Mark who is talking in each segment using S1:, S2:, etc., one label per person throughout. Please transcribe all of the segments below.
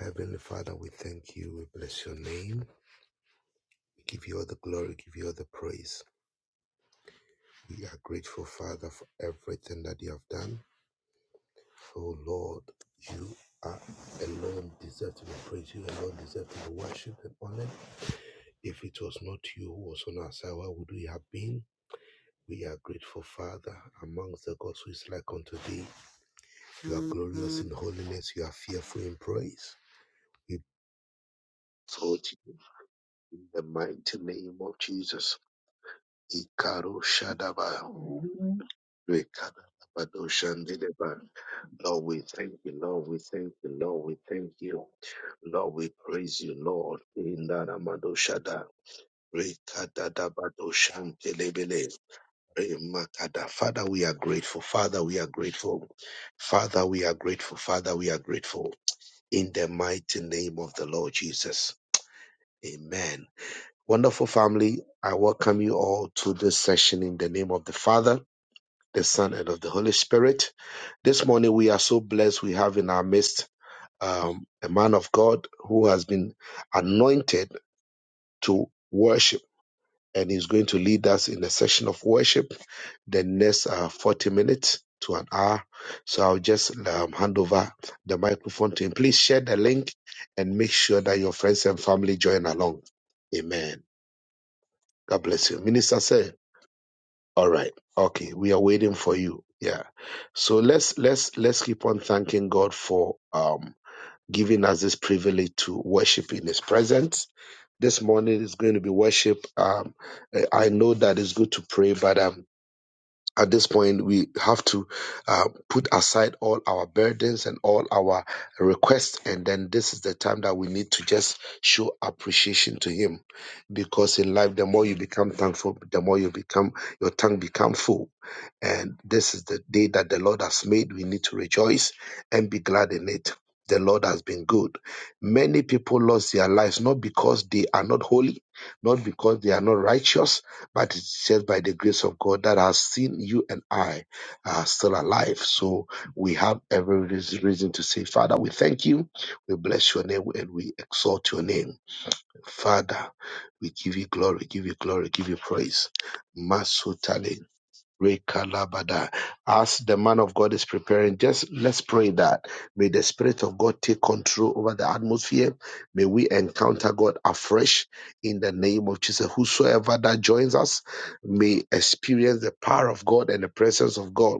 S1: Heavenly Father, we thank you. We bless your name. We give you all the glory, give you all the praise. We are grateful, Father, for everything that you have done. Oh Lord, you are alone deserve to be praised. You alone deserve to be worshipped and honored. If it was not you who was on our side, where would we have been? We are grateful, Father, amongst the gods who is like unto thee. You are glorious in holiness. You are fearful in praise. We exalt you in the mighty name of Jesus. Ikaru Shadaba. Rekadabadoshandidaba. Lord, we thank you, Lord, we thank you, Lord, we thank you. Lord, we praise you, Lord. In the Ramado Shada. Rekadadabado Shantelebele. Remakada. Father, we are grateful. Father, we are grateful. Father, we are grateful. Father, we are grateful. In the mighty name of the Lord Jesus. Amen. Wonderful family, I welcome you all to this session in the name of the Father the Son, and of the Holy Spirit. This morning we are so blessed we have in our midst um, a man of God who has been anointed to worship and he's going to lead us in a session of worship the next uh, 40 minutes to an hour. So I'll just um, hand over the microphone to him. Please share the link and make sure that your friends and family join along. Amen. God bless you. Minister, sir. All right. Okay. We are waiting for you. Yeah. So let's let's let's keep on thanking God for um giving us this privilege to worship in his presence. This morning is going to be worship. Um I I know that it's good to pray, but um at this point, we have to uh, put aside all our burdens and all our requests. And then this is the time that we need to just show appreciation to Him. Because in life, the more you become thankful, the more you become, your tongue become full. And this is the day that the Lord has made. We need to rejoice and be glad in it. The Lord has been good. Many people lost their lives not because they are not holy, not because they are not righteous, but it's just by the grace of God that has seen you and I are still alive. So we have every reas- reason to say, Father, we thank you, we bless your name, and we exalt your name. Father, we give you glory, give you glory, give you praise. Masutale Rekalabada. As the man of God is preparing, just let's pray that may the Spirit of God take control over the atmosphere. May we encounter God afresh in the name of Jesus. Whosoever that joins us may experience the power of God and the presence of God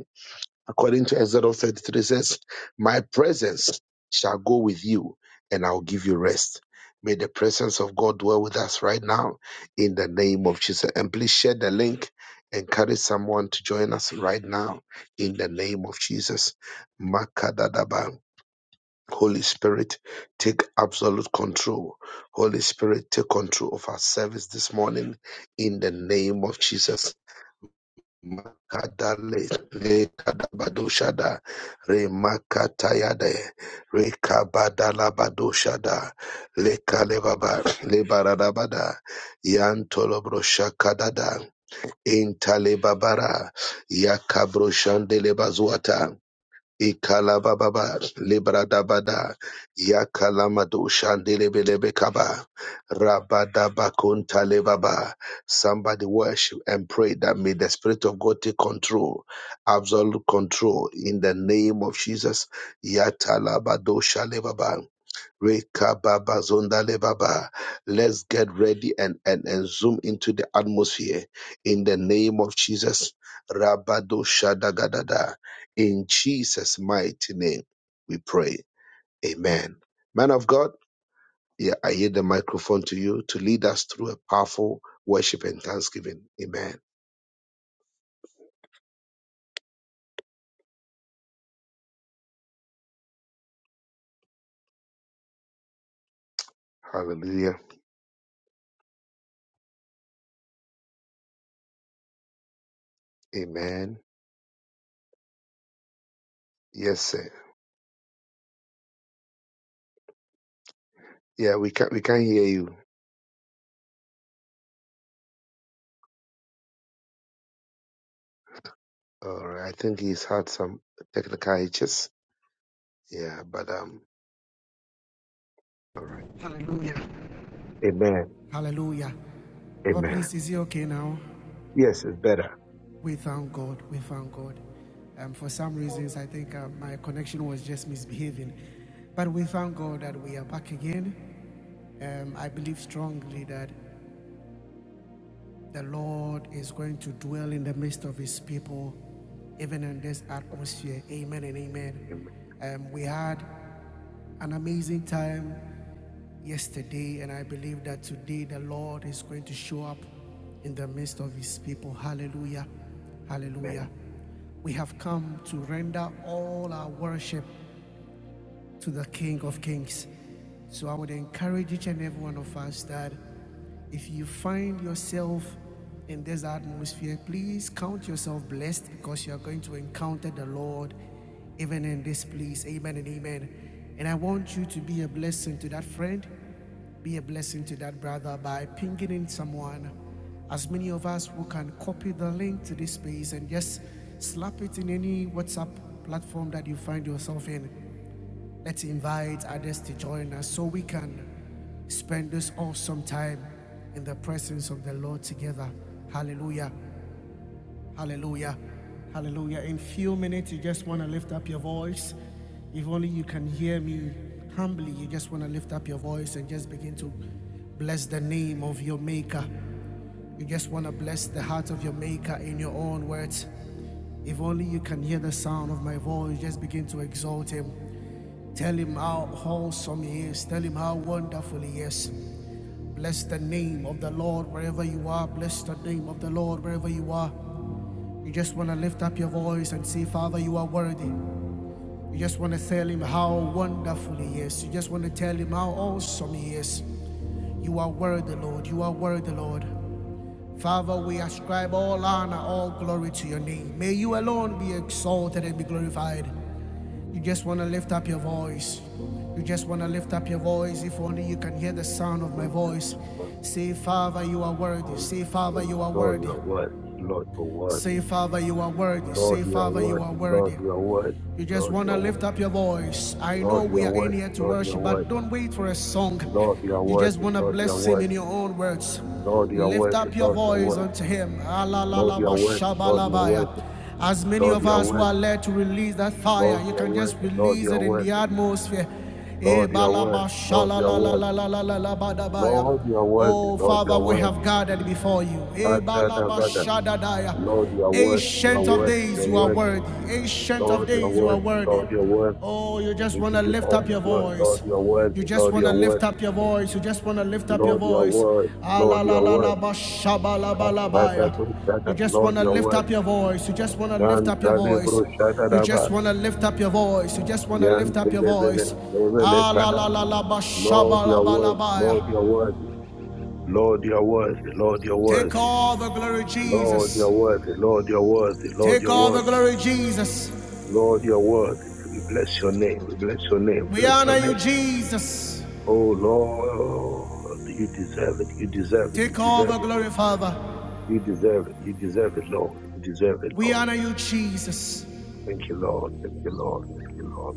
S1: According to Exodus 33 says, My presence shall go with you and I'll give you rest. May the presence of God dwell with us right now in the name of Jesus. And please share the link. Encourage someone to join us right now in the name of Jesus. Makadadaba. Holy Spirit, take absolute control. Holy Spirit, take control of our service this morning in the name of Jesus. Makadale rekadabadoshada remakatayade rekabadalabadoshada lekalebaba lebaradabada yantolobroshakadada intalebabara yakabroshande lebazuata Ikalababa, Libradabada, Yakalamadu Shandelebelebe Kaba, Rabadabakunta Lebaba. Somebody worship and pray that may the Spirit of God take control, absolute control in the name of Jesus. Yatalabado Shalebaba. Rekababazondale baba. Let's get ready and, and, and zoom into the atmosphere in the name of Jesus. Rabado Shadagadada. In Jesus' mighty name, we pray. Amen. Man of God, yeah, I yield the microphone to you to lead us through a powerful worship and thanksgiving. Amen. Hallelujah. Amen. Yes, sir. Yeah, we can we can hear you. All right. I think he's had some technical hitches. Yeah, but um, all right.
S2: Hallelujah.
S1: Amen.
S2: Hallelujah. But
S1: Amen.
S2: please, is he okay now?
S1: Yes, it's better.
S2: We thank God. We thank God. Um, for some reasons, I think uh, my connection was just misbehaving. But we thank God that we are back again. Um, I believe strongly that the Lord is going to dwell in the midst of his people, even in this atmosphere. Amen and amen.
S1: Amen.
S2: Um, we had an amazing time yesterday, and I believe that today the Lord is going to show up in the midst of His people. Hallelujah. Hallelujah.
S1: Amen.
S2: We have come to render all our worship to the King of Kings. So I would encourage each and every one of us that if you find yourself in this atmosphere, please count yourself blessed because you are going to encounter the Lord even in this place. Amen and amen. And I want you to be a blessing to that friend, be a blessing to that brother by pinging in someone. As many of us who can copy the link to this space and just slap it in any WhatsApp platform that you find yourself in. Let's invite others to join us so we can spend this awesome time in the presence of the Lord together. Hallelujah. Hallelujah. Hallelujah. In few minutes, you just want to lift up your voice. If only you can hear me humbly, you just want to lift up your voice and just begin to bless the name of your maker. You just want to bless the heart of your maker in your own words. If only you can hear the sound of my voice, just begin to exalt him. Tell him how wholesome he is. Tell him how wonderful he is. Bless the name of the Lord wherever you are. Bless the name of the Lord wherever you are. You just want to lift up your voice and say, Father, you are worthy. You just want to tell him how wonderful he is. You just want to tell him how awesome he is. You are worthy, Lord. You are worthy, Lord. Father, we ascribe all honor, all glory to your name. May you alone be exalted and be glorified. You just want to lift up your voice. You just want to lift up your voice. If only you can hear the sound of my
S1: Jesus,
S2: voice.
S1: Lord,
S2: Say, Father, you are worthy.
S1: always-
S2: Say, Father, you are
S1: Lord,
S2: worthy.
S1: you are worthy. Lord, you are
S2: Say,
S1: worthy.
S2: Father, you are worthy. Say,
S1: Lord, you are
S2: Father, you are
S1: worthy.
S2: worthy.
S1: Lord, you are worthy.
S2: You just
S1: Lord,
S2: want
S1: you
S2: to
S1: are
S2: lift
S1: worthy.
S2: up your voice. I know
S1: Lord, you
S2: we
S1: are
S2: are in
S1: worthy.
S2: here to worship, but don't wait for a song.
S1: Lord, you are
S2: You just
S1: worthy.
S2: want to
S1: Lord, you are
S2: bless Him in
S1: worthy.
S2: your own words.
S1: Lord, you are
S2: Lift
S1: worthy.
S2: up your
S1: Lord, you are
S2: voice
S1: worthy.
S2: unto Him.
S1: Lord, you are worthy. Lord,
S2: Alalalalabashabalabaya. As many of
S1: you are
S2: us who
S1: worthy.
S2: are led to release that fire,
S1: Lord,
S2: you
S1: you are
S2: can just
S1: worthy. Lord,
S2: release
S1: you
S2: it
S1: are
S2: in the
S1: worthy.
S2: atmosphere.
S1: Lord, you are worthy. Lord, you are worthy.
S2: Ebalabashalalalalalalalabadabaya.
S1: Lord, you are worthy.
S2: Oh,
S1: Lord, you are worthy. Lord, you
S2: Father,
S1: are
S2: we
S1: worthy. Lord, you are worthy.
S2: have gathered before you.
S1: Lord, you are worthy.
S2: Ebalabashadadaya.
S1: Lord, you are worthy, you are
S2: Ancient of
S1: worthy, you
S2: days,
S1: are
S2: you are
S1: worthy.
S2: worthy. Ancient of
S1: Lord, you are
S2: days, you are
S1: worthy,
S2: worthy.
S1: Lord, you are worthy.
S2: Oh, you just
S1: We
S2: want to
S1: give you
S2: lift
S1: all
S2: up
S1: the
S2: your
S1: glory. Lord,
S2: voice.
S1: you are
S2: You
S1: worthy,
S2: just
S1: Lord,
S2: want
S1: you
S2: to
S1: are
S2: lift
S1: worthy.
S2: up your voice. You just want to lift up your
S1: Lord, you are
S2: voice.
S1: worthy,
S2: Ah, la,
S1: Lord, you
S2: la,
S1: are
S2: la,
S1: worthy.
S2: la, ba, shaba, la, ba,
S1: Ah,
S2: la, ba,
S1: Shada,
S2: ya.
S1: do,
S2: You
S1: Shada.
S2: just
S1: Lord,
S2: want to
S1: you are
S2: lift
S1: worthy.
S2: up your voice. You just want to lift
S1: Dan
S2: up your
S1: Kale
S2: voice.
S1: Bro Shada
S2: You
S1: Raba.
S2: just want to lift up your voice. You just want to
S1: Yan
S2: lift up your
S1: Kele Bele,
S2: voice.
S1: Lele
S2: Ah, la,
S1: Kada.
S2: la, la, la, ba, shaba,
S1: Lord, you
S2: la,
S1: are
S2: ba, la,
S1: worthy,
S2: ba,
S1: Lord, you are
S2: ya.
S1: worthy. Lord, you are worthy, Lord, you are
S2: Take
S1: worthy.
S2: all the glory,
S1: Lord, you are
S2: Jesus.
S1: worthy, Lord, you are worthy, Lord,
S2: Take
S1: you are
S2: all the
S1: worthy,
S2: glory, Jesus.
S1: Lord, you are worthy. We bless your name, we bless your name,
S2: We
S1: bless your
S2: honor
S1: name.
S2: you, Jesus.
S1: Oh Lord, you deserve it. You deserve it. You
S2: Take all the
S1: deserve it.
S2: glory, Father.
S1: You deserve it. You deserve it, Lord. You deserve it,
S2: We
S1: Lord.
S2: honor you, Jesus.
S1: Thank you, Lord. Thank you, Lord. Thank you, Lord.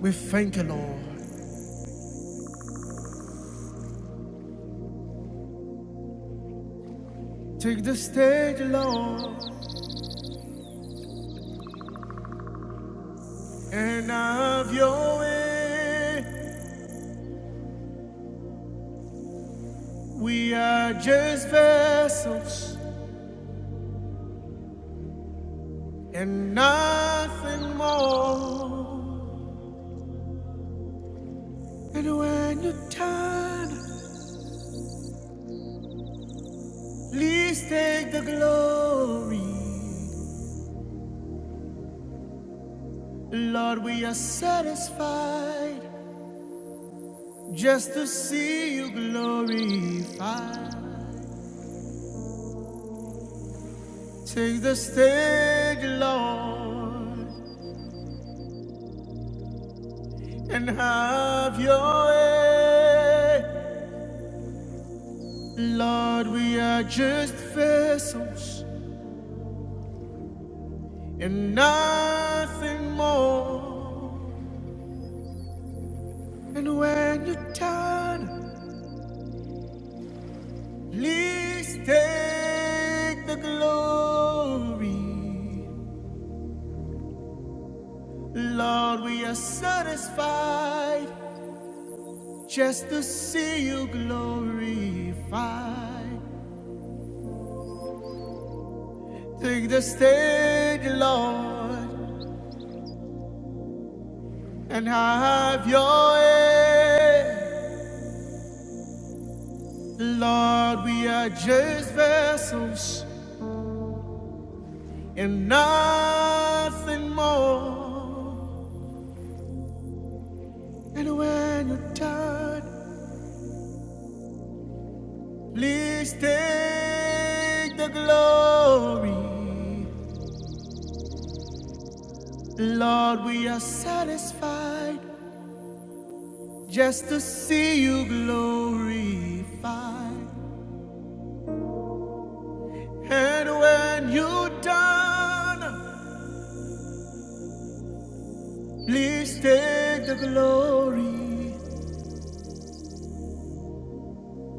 S2: We thank you, Lord. Take the stage, Lord, and have your way. We are just vessels and nothing more. And when you turn, please take the glory. Lord, we are satisfied Just to see you glorified. Take the stage, Lord, and have your way. Lord, we are just vessels and nothing more. And when you turn, please take the glory. Lord, we are satisfied just to see you glorified. Take the stage, Lord, and have your way. Lord, we are just vessels and nothing more. And when you're done, please take the glory. Lord, we are satisfied just to see you glorified. And when you're done, please take the glory.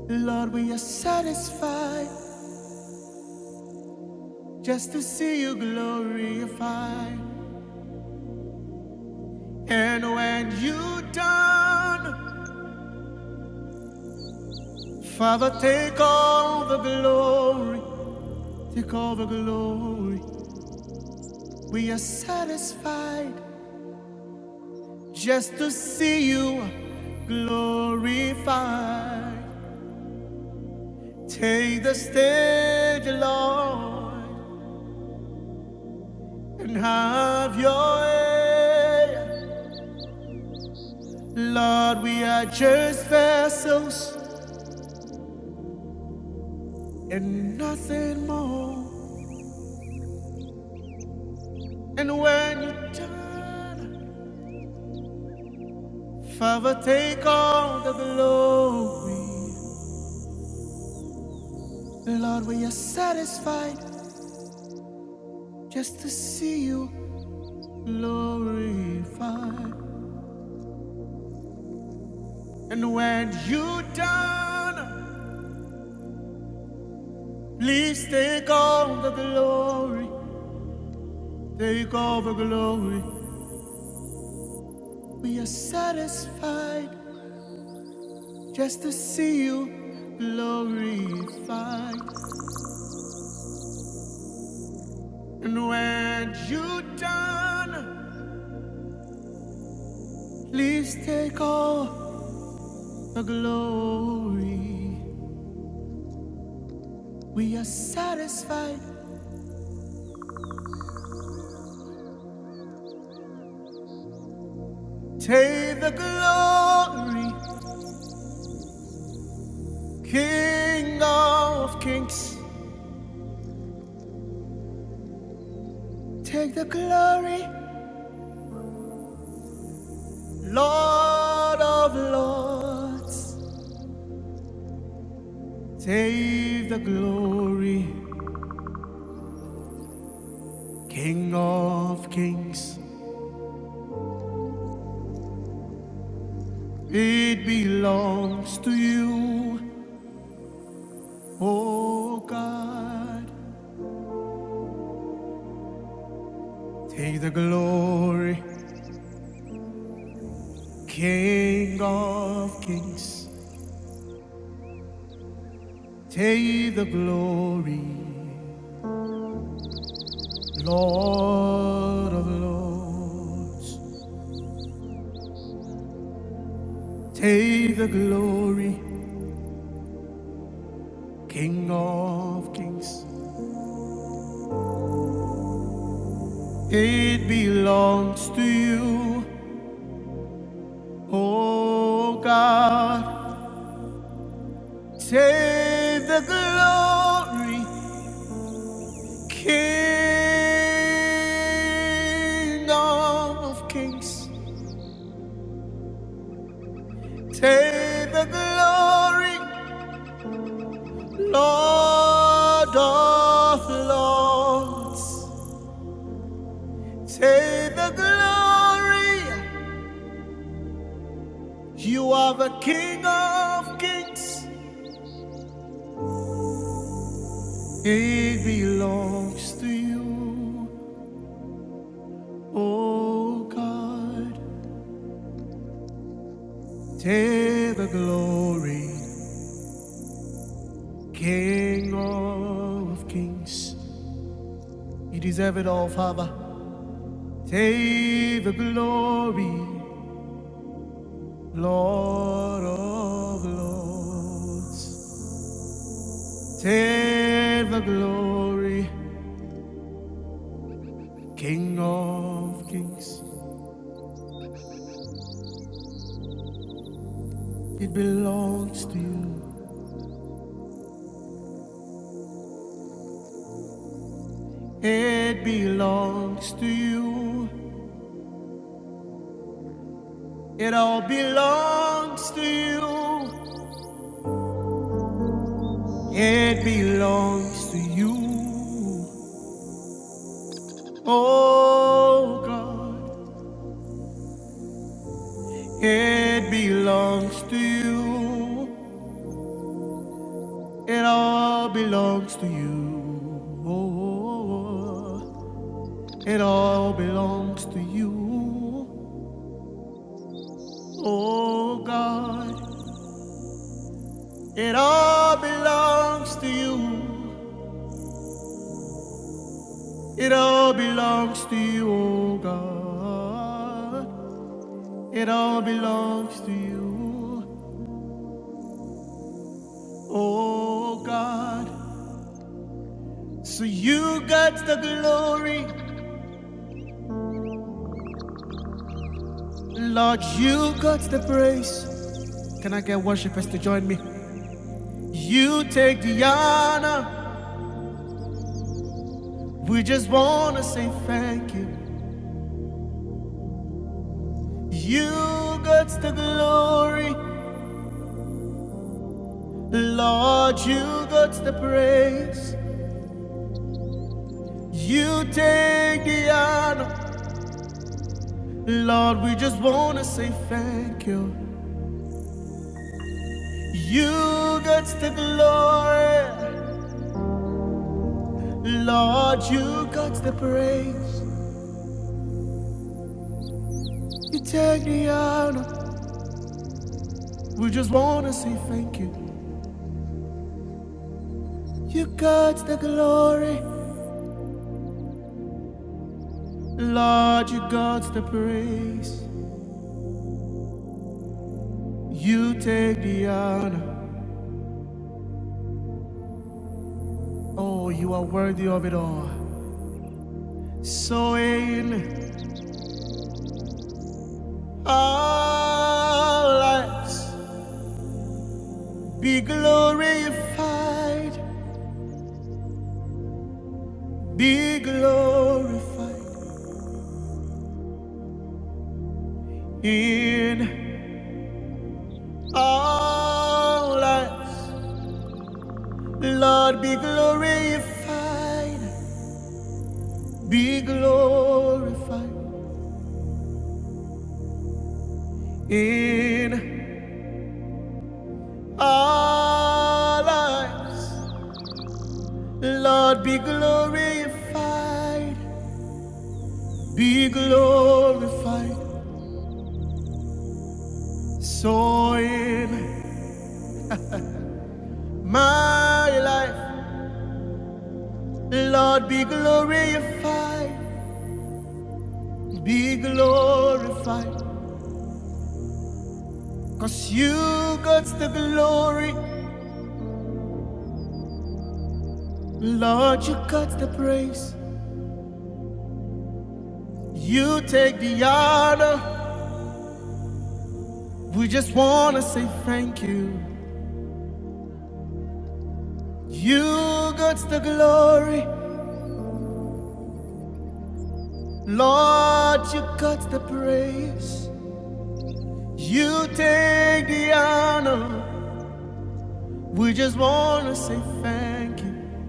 S2: Lord, we are satisfied just to see you glorified. And when you're done, Father, take all the glory, take all the glory. We are satisfied just to see you glorified. Take the stage, Lord, and have your way. Lord, we are just vessels and nothing more. And when you turn, Father, take all the glory. Lord, we are satisfied just to see you glorified. And when you are done, please take all the glory. Take all the glory. We are satisfied just to see you glorified. And when you are done, please take all the glory. We are satisfied. Take the glory, King of Kings. Take the glory. Lord of lords, take the glory, King of kings, it belongs to you, O God. Take the glory, King of kings, take the glory, Lord of lords. Take the glory, King of kings. It belongs to you, oh God. Save the glory, King of Kings. Save the glory, Lord of Lords. Save the glory, you are the King of Kings. It belongs to you. O God, take the glory, King of kings. You deserve it all, Father. Take the glory, Lord of lords. Take the glory, King of kings. It belongs to you. It belongs to you. It all belongs to you. It belongs to you. Oh God, it belongs to you. It all belongs to you. Oh, it all belongs to you. Oh God, it all belongs to you. It all belongs to you, oh God. It all belongs to you. Oh God, so you got the glory, Lord, you got the praise. Can I get worshipers to join me? You take the honor, we just wanna say thank you. You got the glory, Lord, you got the praise. You take the honor, Lord, we just wanna say thank you. You got the glory. Lord, you got the praise. You take the honor. We just wanna say thank you. You got the glory. Lord, you got the praise. You take the honor. Oh, you are worthy of it all. So in our lives, be glorified, be glorified in our lives. Lord, be glorified, be glorified in our lives. Lord, be glorified, be glorified. So in my life, Lord, be glorified, be glorified. Cause you got the glory, Lord, you got the praise. You take the honor. We just want to say thank you. You got the glory. Lord, you got the praise. You take the honor. We just want to say thank you.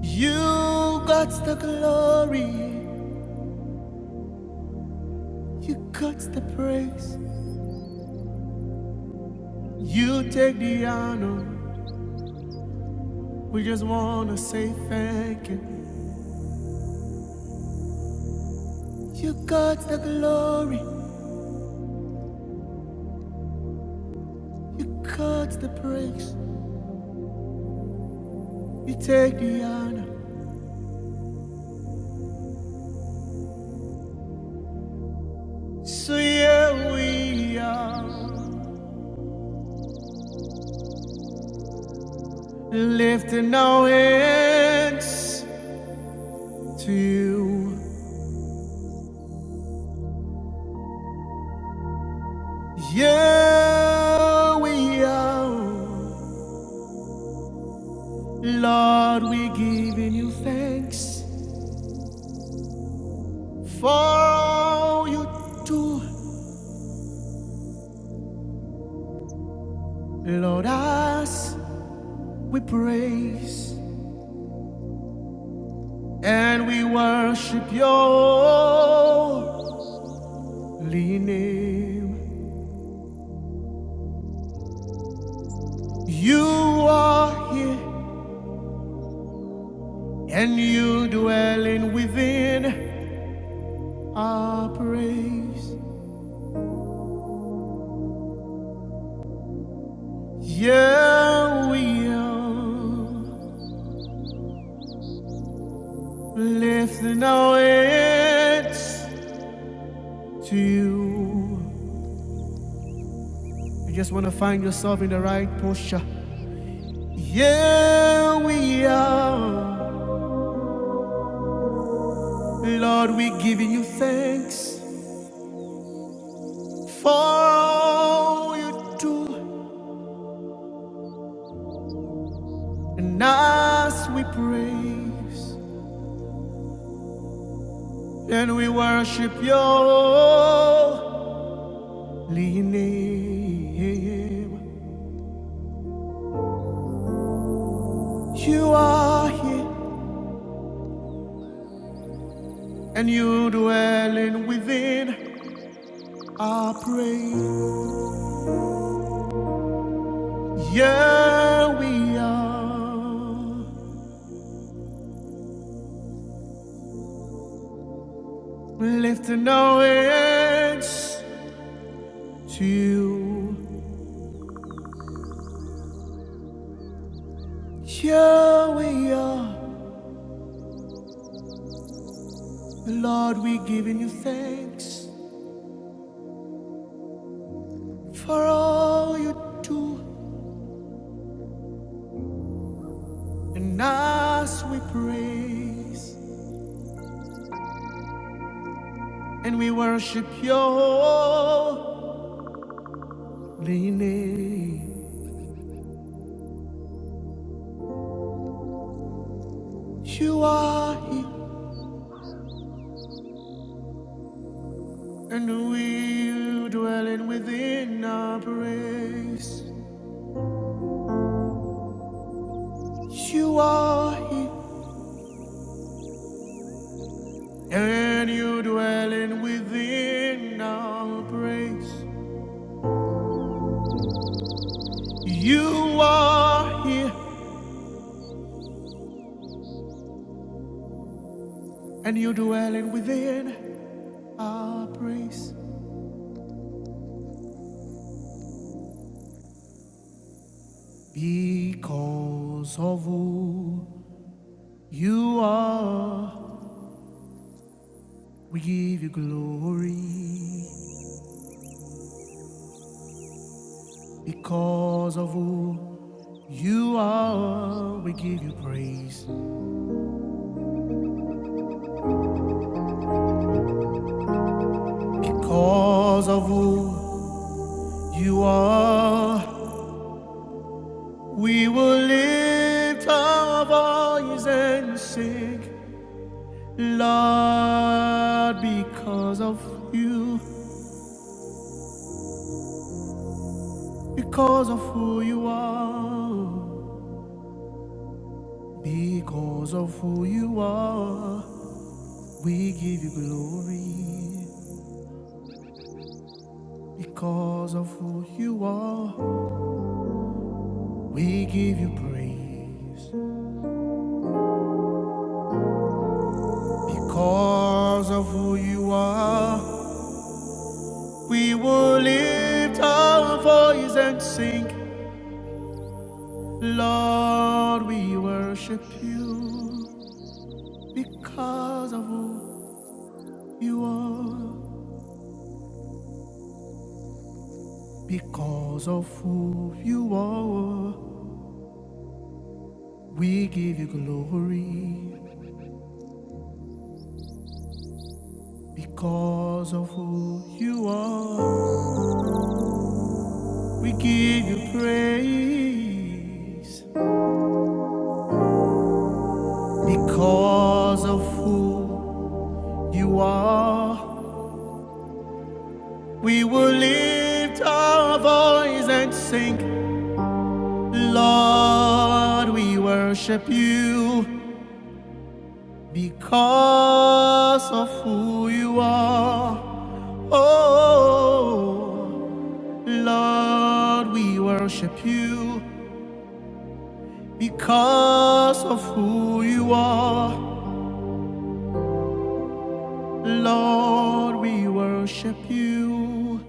S2: You got the glory. You got the praise. You take the honor. We just want to say thank you. You got the glory. You got the praise. You take the honor. So yeah, we are lifting our hands to you. Yeah, we are. Lord, we giving you thanks for all you do. Lord, us we praise and we worship your holy name. You are here. and you dwelling within our praise. Yeah, we are lifting our heads to you. You just want to find yourself in the right posture. Yeah, we are. Lord, we're giving you thanks for all you do. And as we praise, and we worship you You are here, and you dwelling within. I pray. Yeah, we are lifting our hands to you. Yeah, we are. Lord, we giving you thanks for all you do, and as we praise and we worship you. Rene, you are here, and we dwelling within our praise. You are here, and you dwelling within our praise. You are here, and you dwelling within our praise. Because of who you are, we give you glory. Because of who you are, we give you praise. Because of who you are, we will lift our voice and sing. Lord, because of you, because of who you are, because of who you are, we give you glory. Because of who you are, We give you praise because of who you are. We will lift our voice and sing, Lord, we worship you because of who you are. Because of who you are, we give you glory. Because of who you are, we give you praise. Because of who you are, we will lift our voice and sing, Lord, we worship you. Because of who you are, oh, Lord, we worship you. Because of who you are, Lord, we worship you.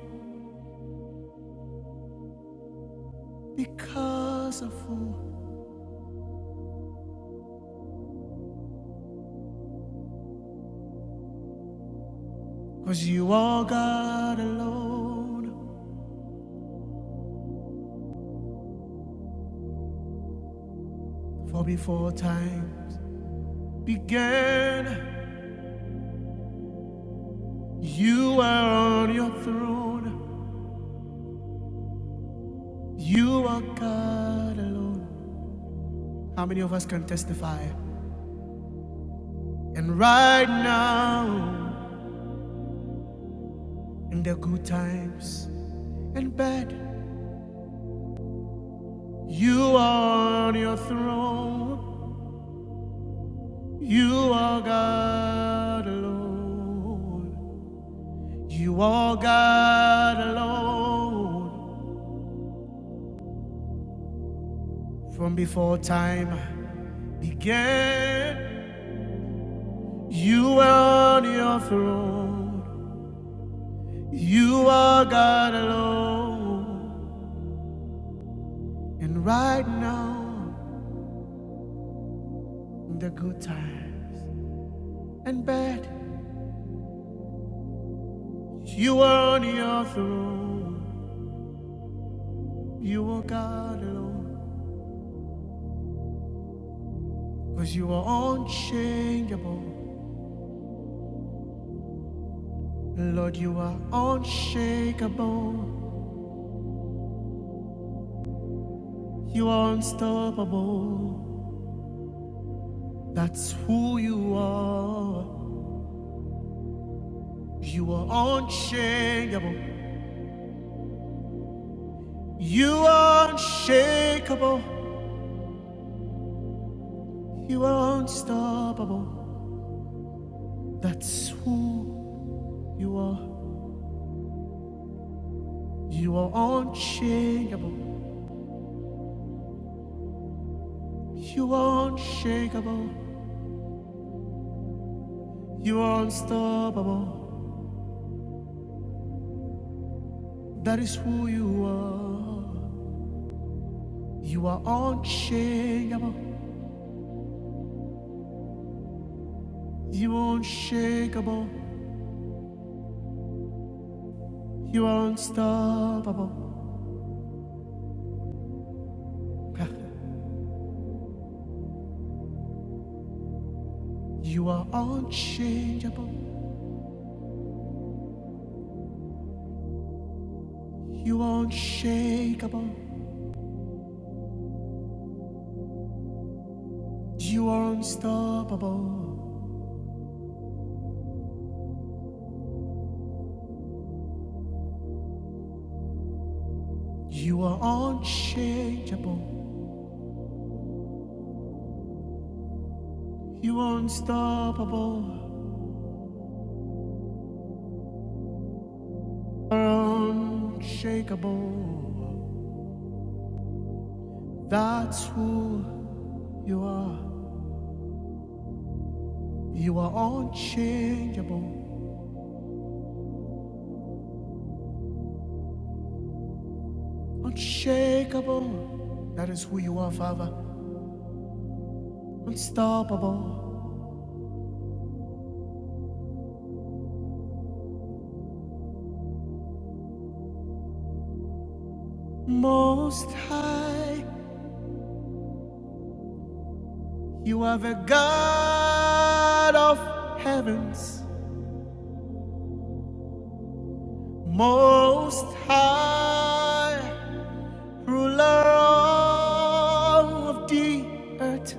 S2: because of who? Cause you are God alone. For before times began, you were on your throne. You are God alone. How many of us can testify? And right now, in the good times and bad, you are on your throne. You are God alone. You are God alone from before time began. You are on your throne. You are God alone. And right now, in the good times and bad, you are on your throne. You are God alone. Cause you are unchangeable. Lord, you are unshakable. You are unstoppable. That's who you are. You are unshakable. You are unshakable. You are unstoppable. That's who you are. You are unshakable. You are unshakable. You are unstoppable. That is who you are. You are unshakable. You are unshakable. You are unstoppable. You are unchangeable. You are unshakable. You are unstoppable. You are unchangeable. You are unstoppable. You are unshakable. That's who you are. You are unchangeable. Unshakable. That is who you are, Father. Unstoppable. Most high. You are the God of heavens, most high, ruler of the earth,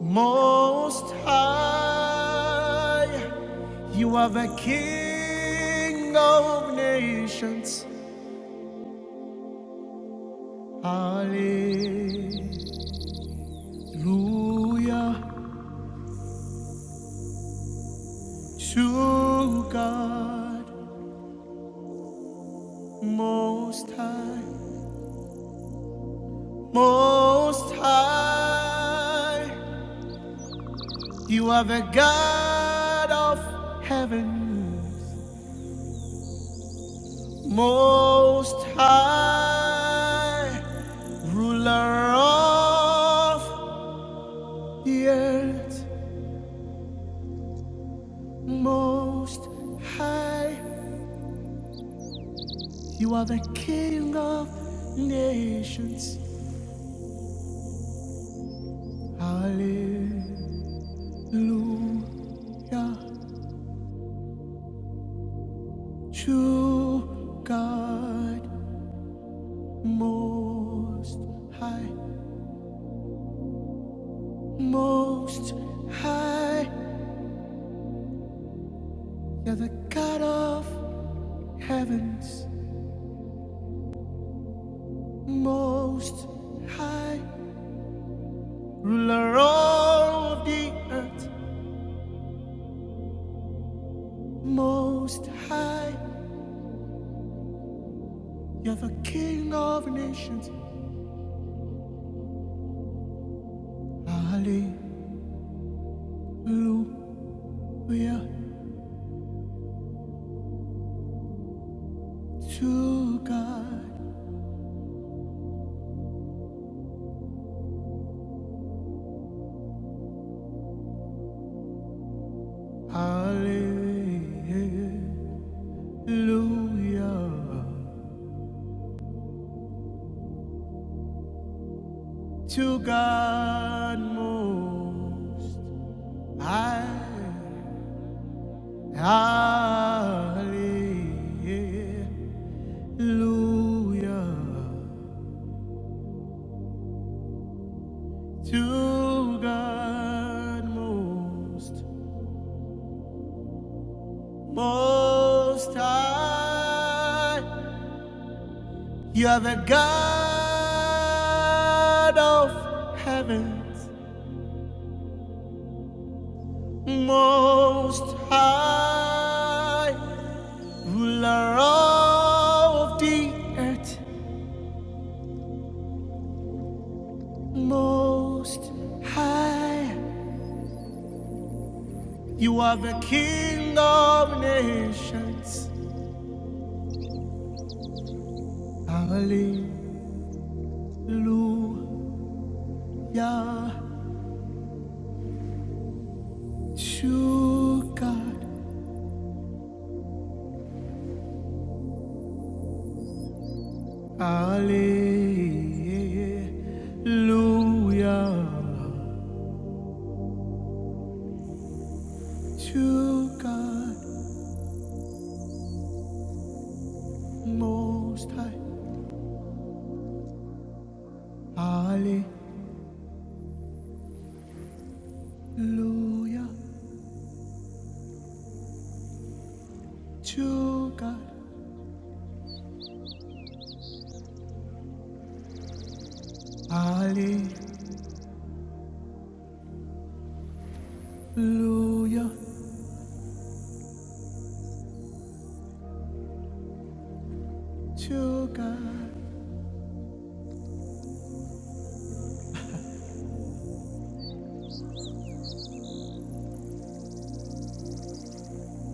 S2: most high. You are the King of nations. Hallelujah to God, most high. Most High, you are the God of heaven. Most High, ruler of the earth. Most High, you are the King of nations. Hallelujah, true God. Most high, most high, you're the God of heavens, most high, ruler of the earth, most high, you're the King of nations. Hallelujah to God, hallelujah. to God most I hallelujah to God most most high you are the God of heavens most high ruler of the earth, most high. You are the king of nations. Hallelujah, true God. Hallelujah, true God, most high. Hallelujah, true God. Hallelujah. Hallelujah, to God.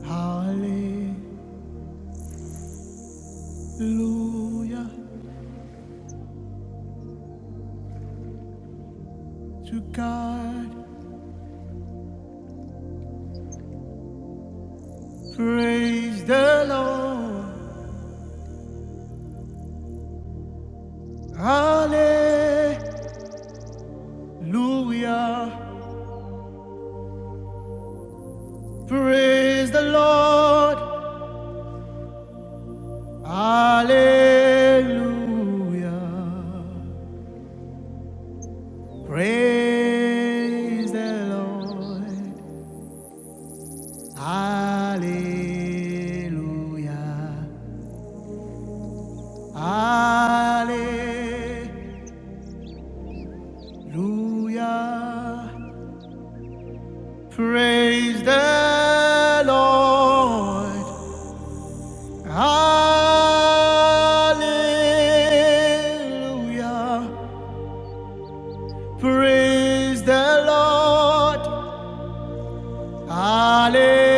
S2: Hallelujah, to God. Praise the Lord. Hallelujah, praise the Lord. Hallelujah, praise the Lord. Hallelujah. Hallelujah. Praise the Lord. Hallelujah. Praise the Lord. Hallelujah.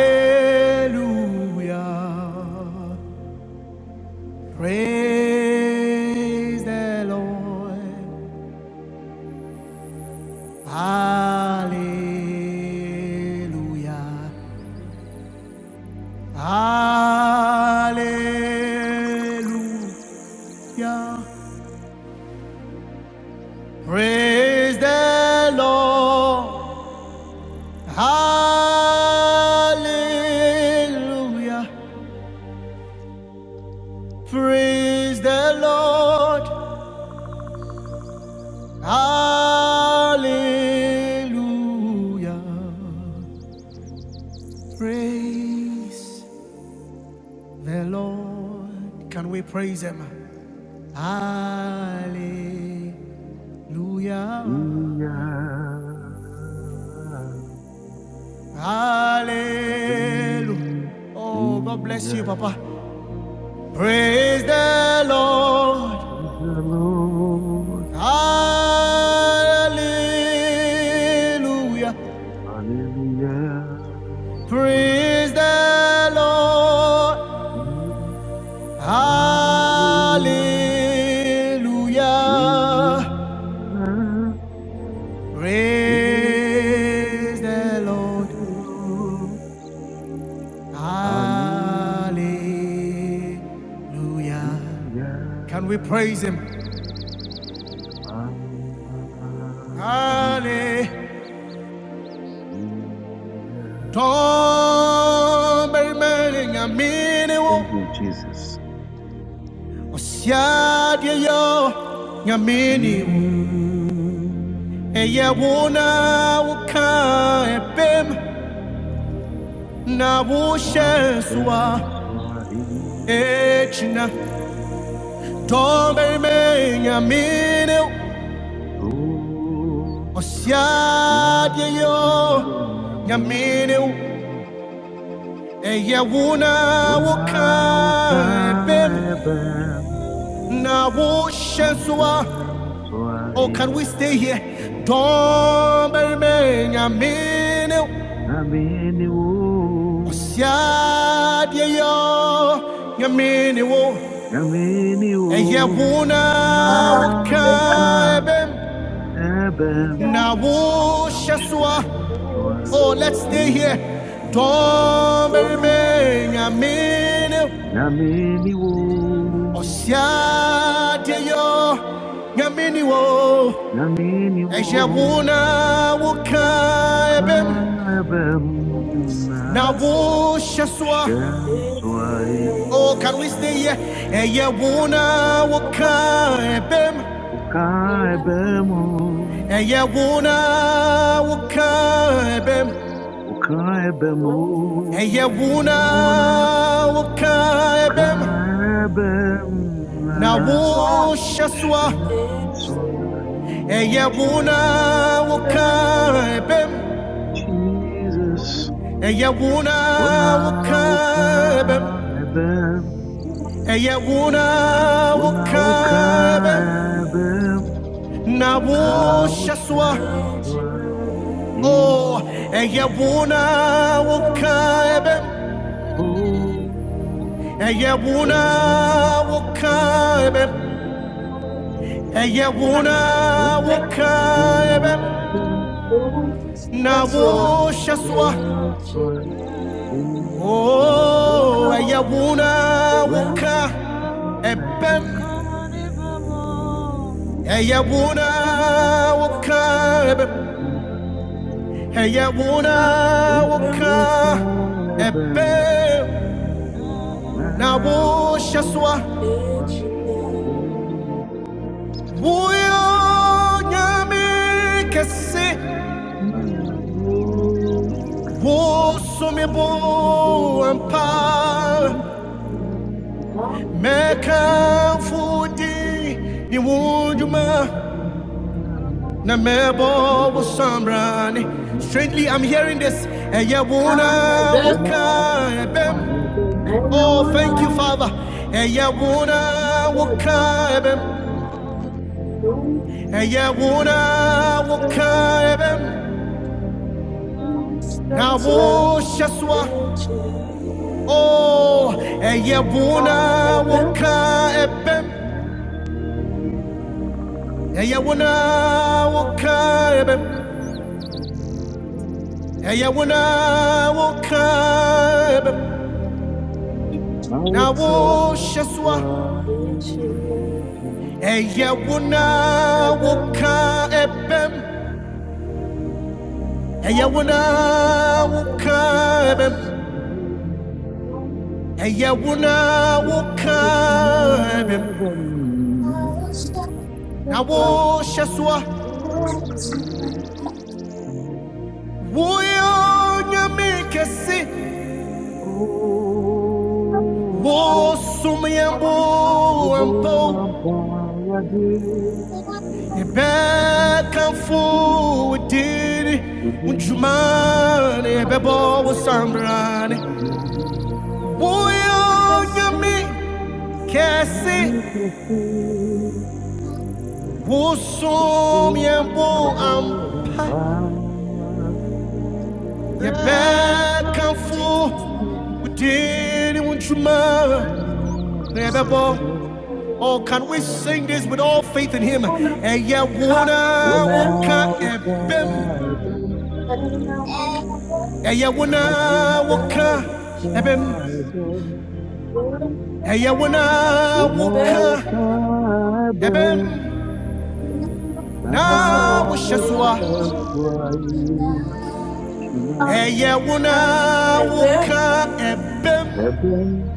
S2: Praise the Lord. Hallelujah. Hallelujah. Praise the Lord. Hallelujah. Praise the Lord. Hallelujah. Praise the Lord. Can we praise Him? Hallelujah.
S1: Hallelujah.
S2: Hallelujah.
S1: Hallelujah.
S2: Oh, God bless you, Papa. Praise the Lord.
S1: Praise the Lord.
S2: Hallelujah.
S1: Hallelujah. Praise
S2: Praise the Lord.
S1: Him.
S2: Hallelujah.
S1: Hallelujah. Praise
S2: Praise the
S1: the
S2: Lord.
S1: Lord. Hallelujah.
S2: Hallelujah. Can we praise Him?
S1: Hallelujah.
S2: Hallelujah. Tombele ngamini wo
S1: Thank you, Jesus.
S2: osiadye yo ngamini wo eye
S1: Mm,
S2: wona wuka ebem na
S3: We
S1: our
S3: let
S2: wusheswa
S1: friends are
S3: you know that
S1: here.
S2: echina
S3: and I'm gonna
S2: tombele
S3: let
S2: ngamini wo
S1: Oh,
S2: osiadye yo
S1: Claudio
S2: ngamini wo
S1: Nami.
S2: eye wona wuka ebem
S1: unaokaa
S2: na
S1: na
S2: wusheswa
S1: utatwa
S3: you
S2: Oh, can we stay
S3: know
S2: here?
S1: hicho
S2: Don't burn your minute.
S1: Naamini u,
S2: Osia, dear, yeah, your minute.
S1: naamini
S2: A year
S1: u,
S2: wona,
S4: I
S2: what
S4: will
S1: nauka
S2: kind
S1: ebem,
S2: Now,
S4: accept
S3: I'm
S2: shaswa.
S3: Oh,
S4: your victory.
S1: nausheswa
S2: Oh, let's stay here.
S1: ihina.
S2: Don't
S4: No matter
S2: burn your minute.
S1: Naamini u,
S2: Osia, dear,
S4: no matter
S2: yeah, your minute.
S1: naamini
S2: A year
S1: u,
S2: wona, what
S4: the
S1: ka
S2: kind
S4: worst
S2: Now,
S1: ebem
S4: person
S2: wo shaswa,
S1: Shem
S4: is
S2: oh,
S4: real.
S2: can we stay
S1: Swahijana.
S2: here? Eh, yeah,
S4: Come
S2: wona, waka,
S4: on,
S2: ebem.
S4: I
S1: Ukae
S4: am alone.
S1: bemo,
S2: Eh, yeah, wona,
S4: No
S3: come
S2: waka, ebem.
S1: ukae bemo,
S3: on,
S4: matter
S2: Eh, yeah,
S1: euna,
S2: wona, waka, ebem.
S1: ukae bemna,
S2: Now,
S4: that's why
S2: wo shaswa,
S1: Shem
S4: It's real.
S2: eh, yeah,
S1: Swahijana.
S2: wona,
S4: Then
S2: waka, ebem.
S1: Jesus,
S2: Eh, yeah, wona,
S1: una
S2: waka, ebem.
S1: ukae bem,
S2: Eh, yeah, wona,
S1: una
S4: I
S2: waka, ebem.
S1: ukae
S3: Oh,
S1: bem,
S2: Now,
S4: don't
S2: wo
S1: au
S2: shaswa.
S1: Shem
S4: And
S1: Swahijana.
S4: you
S2: Oh, ella è buona, oh,
S4: will
S2: caibe.
S1: Oh.
S2: Ella è
S1: I'm
S2: buona, oh, caibe. Ella oh, caibe. Na
S4: that's why.
S2: wosha swa.
S4: And you
S2: Oh, ella è
S4: will the
S2: oh,
S4: bell.
S2: Ebem. Ella è buona, oh, oh, Ebem. Na wosha swa. 우연히 캐시
S3: Thank
S2: 웃음이
S3: you.
S2: 보안 팔
S3: If I'm not in
S1: Thank
S3: your
S2: 메카
S3: world, if
S1: you.
S2: 후디
S3: I'm
S2: 니 우주마 나 매보 우삼라니 Strangely, I'm hearing this. And yeah, wanna walk
S4: And you
S2: up.
S4: Jesus.
S2: Oh, thank you, Father. And yeah,
S3: not
S2: wanna
S3: in
S2: walk up And yeah, wanna walk up. Now, wash us Oh, ɛyɛ wo na woka ɛbɛm. Ɛyɛ wo
S3: your
S2: na
S3: The
S2: woka
S3: complete and
S2: ɛbɛm. Ɛyɛ wo na woka ɛbɛm. Na wohyɛ so a, ɛyɛ wo na woka ɛbɛm. Ɛyɛ wo na woka ɛbɛm. Ɛyɛ wo na woka ɛbɛm.
S5: I was so
S2: Na wohyɛ so a, woyɛ Onyame
S4: Jesus.
S2: kɛse.
S4: Jesus.
S1: Oh, so
S4: Kabel,
S2: Wosomyambo
S1: Una
S2: You're back and forward Unjumane bebo wasambrane Woyo nyami kesi Wosomyambo ampa You're back and
S3: wonderful
S2: Unjumane bebo Oh, can we sing this
S3: someone.
S2: with all faith in Him? Eh, yeah, wona
S3: You
S2: woka
S3: know,
S2: ebem.
S3: forever.
S2: Eya
S3: You
S2: wana woka ebem.
S3: forever.
S2: Eya wana
S1: Una
S2: woka ebem.
S1: ucaeben,
S4: That's what
S1: una
S2: Na
S4: I
S3: You
S1: ucaeben,
S2: washaswa.
S4: did, Jesus.
S1: una ucaeben,
S3: forever.
S1: una
S2: Eya wana
S4: Ebem,
S2: woka ebem.
S1: ucaeben,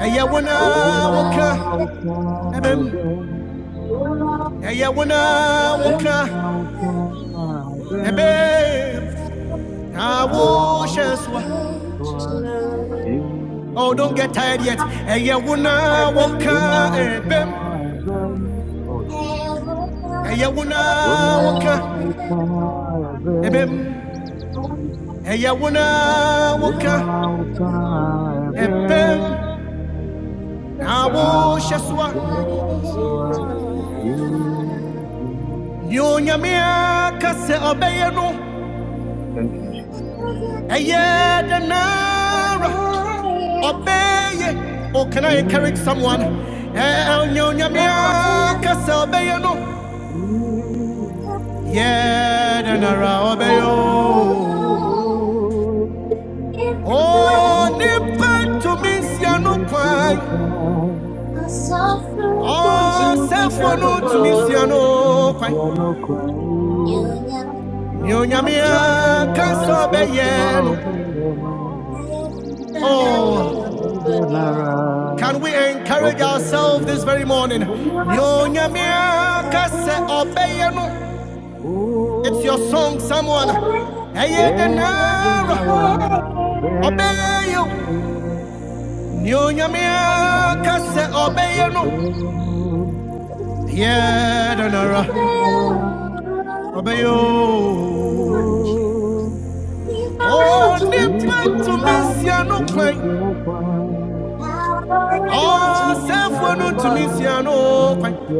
S2: Eya wana
S4: ebem,
S1: una
S2: woka ebem.
S1: ucaeben,
S4: ula,
S2: Eya wana
S4: ebem,
S2: woka
S1: una
S2: ebem.
S5: Thank you. I
S2: Na
S5: saw
S4: ula,
S2: washaswa.
S4: china.
S2: Oh, don't get tired yet. Eya wana
S4: Ebem, ebem,
S2: woka
S1: ucaeben,
S2: ebem.
S4: ula,
S2: Eya wana
S4: ebem,
S2: woka
S1: una ucaeben,
S2: ebem.
S4: ula,
S2: Eya wana woka.
S1: una
S3: Come on,
S1: ucaeben.
S3: baby.
S2: ɛpɛm
S4: china.
S2: na
S1: Thank
S4: So,
S3: No
S2: wohyɛ
S1: you,
S2: so a
S3: time
S4: Diana.
S2: nea onyame no
S1: Jesus.
S2: ɛyɛ dɛ nara oh can i encourage someone
S1: Yes,
S2: Eh, nea onyame no yɛ dɛ
S1: you're the
S2: nara ɔbɛyɛ
S1: one of the Lord.
S2: o
S1: For you
S4: Thank
S2: onipa
S1: say,
S2: tumi nsia no
S1: "Yes, you
S2: kwan
S1: are kind."
S2: ɔsɛfoɔ
S1: Oh,
S2: no
S1: yes,
S2: tumi
S1: yes,
S2: nsia no
S1: you are
S2: kwan
S1: no
S5: you
S1: clown.
S5: never
S2: nea onyame
S1: You are
S2: aka
S1: not a
S2: no
S1: problem.
S2: oh
S1: You're the
S5: had
S2: Can
S1: Nara,
S2: we
S1: oh,
S2: encourage ourselves this very morning?
S5: I
S2: no. It's your song,
S1: boy.
S2: someone.
S1: Yeah,
S2: obey you.
S4: you.
S2: no.
S4: Thank
S2: obey
S4: you.
S2: you. Oh, nipa to miss ya no kwen. Oh, self no to miss ya no kwen.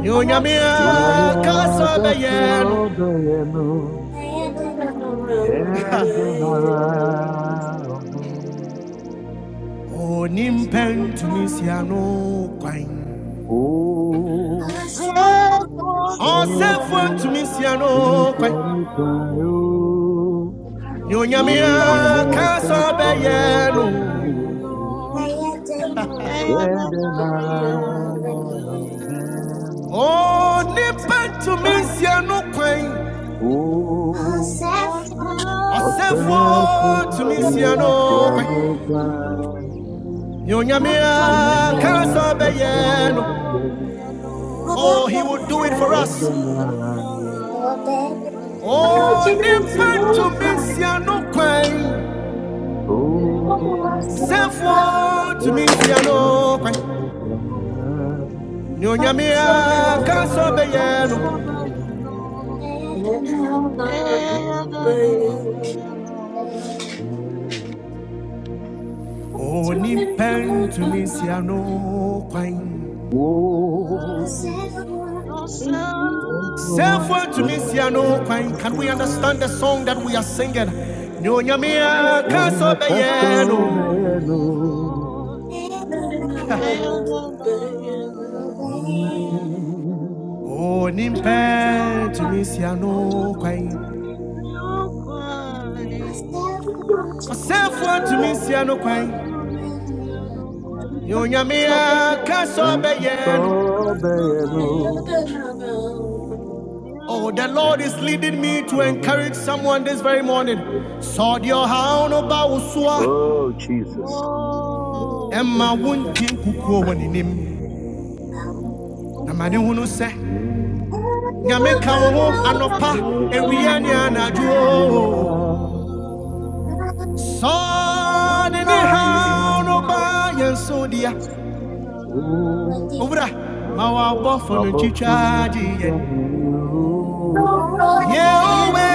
S2: Nyonya miaka se obeye no. onimpɛ ntumi nsia no kwan
S3: Therefore,
S2: ɔsɛfoɔ
S3: you to
S1: Oh,
S3: be
S2: ntumi nsia
S3: no
S2: no
S1: We are
S2: kwan
S1: not
S3: cry.
S1: alone.
S3: Hey,
S2: ne
S1: To
S2: onyame
S3: yourself
S1: my
S2: aka sɛ
S3: was
S1: trust, I
S2: ɔbɛyɛ no
S1: believe.
S4: Yeah,
S1: We don't know where.
S2: onipa ntumi
S4: baby.
S2: nsia no kwan
S1: Oh, we
S2: ɔsɛfoɔ ntumi nsia no
S1: are
S2: kwan
S1: not alone.
S2: ne onyame
S1: To
S2: aka sɛ
S1: my trust, I
S2: ɔbɛyɛ no
S1: believe.
S2: oh he would do it for
S1: We
S2: us
S1: don't know where.
S2: onipa ntumi nsia no kwan
S1: Oh,
S2: sɛfoɔ
S1: we are
S2: ntumi nsia no kwan
S1: not
S3: so
S1: alone.
S5: Hallelujah.
S2: nyonyame
S3: Era
S2: a ka
S3: de
S2: sɛ
S1: Love
S3: uma
S1: the
S2: ɔbɛyɛ no
S1: Father
S3: coisa
S1: with
S3: bem no
S1: an
S3: Eia da
S1: eye
S3: na da na robeia
S1: for
S2: onimpɛ ntumi nsia no kwan
S3: Eu sei
S2: sɛfo
S3: quanto você
S2: no
S3: não
S2: can we understand the
S3: vai
S2: song that we are singing nyonyame
S3: Era de
S2: a ka sɛ
S3: uma
S2: ɔbɛyɛ no
S3: coisa bem no Eia da na robeia
S2: onimpɛ ntumi nsia
S3: Only
S2: no
S3: be to
S2: kwan
S3: me the
S5: Thank
S3: I Asked
S2: ɔsɛfo ntumi nsia no
S3: what promised piano kwai. Erapiwa
S2: no
S3: koso bayano.
S2: Oh, the Lord
S3: Ayadana
S2: is leading me to encourage someone this very morning.
S3: Adaya.
S2: Sɔdeɛ ɔhaw no ba wo so
S1: Oh, oh, oh, Oh, Jesus.
S2: ɛma
S3: Oh, mama
S2: wondie nkukuo wɔ
S3: wafo.
S2: n'anim
S4: Nobody to
S2: na ma ne
S4: relax
S2: hunu sɛ
S1: Mm.
S2: nyame ka wo ho
S1: It's
S3: Eradudia
S1: the
S2: anɔpa
S1: blessing
S2: awia
S3: wakame
S2: ne
S1: of the
S3: udia.
S2: anadwo
S1: Lord.
S2: sɔɔ de ne
S4: in.
S3: Sangiri
S4: Love
S2: haw no
S1: Oh,
S2: ba
S3: wangiri
S2: yɛn so dea
S3: wangu sudia.
S1: oh,
S2: owura
S3: I
S2: ma
S3: just
S2: wɔabɔfo no
S1: above to
S2: twitwa
S1: me,
S2: gye yɛn yeowe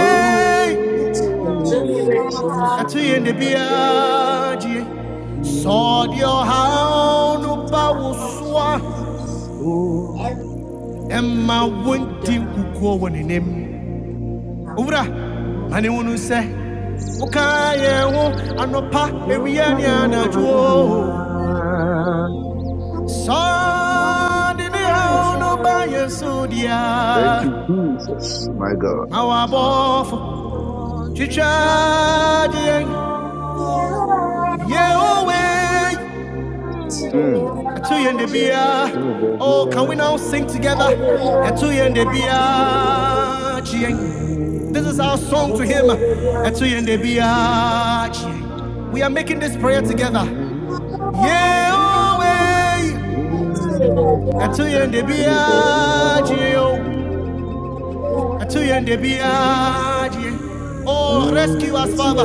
S2: ɛto
S1: baby,
S2: yɛn de biaa gyee sɔɔ deɛ
S1: you,
S2: ɔhaw
S4: is
S2: no
S4: all
S2: ba
S4: right,
S2: wo soa
S4: Jesus,
S1: oh,
S4: I'm
S2: ɛma
S4: gonna
S2: wondi
S4: die.
S2: nkukuo wɔ n'anim owura mani
S4: Oh,
S2: wo no sɛ wokaa yɛn ho anɔpa
S1: to be
S2: awia ne
S1: open, you
S2: anadwo
S1: are, baby,
S4: Jesus.
S2: sɔde
S4: I'm
S2: no ba
S4: trying.
S2: yɛn so
S1: Thank
S2: dea
S1: you, Jesus, my God.
S4: Thank
S2: ma wɔabɔfo
S3: want to
S2: twitwa
S3: travel
S2: gye yɛn
S3: Thank
S5: you. Thank
S1: Mm. to me,
S2: oh can we now
S1: baby,
S2: sing together ɛto yɛn da biara this is our song to
S1: mm,
S4: you.
S2: him ɛto yɛn da biara we are making this prayer together
S1: mm,
S2: Yeah, oh, way.
S1: mm,
S2: Until you end the
S1: to me,
S2: biagio.
S1: baby,
S2: Until you end the biagio. Oh, rescue us,
S3: you.
S2: Father.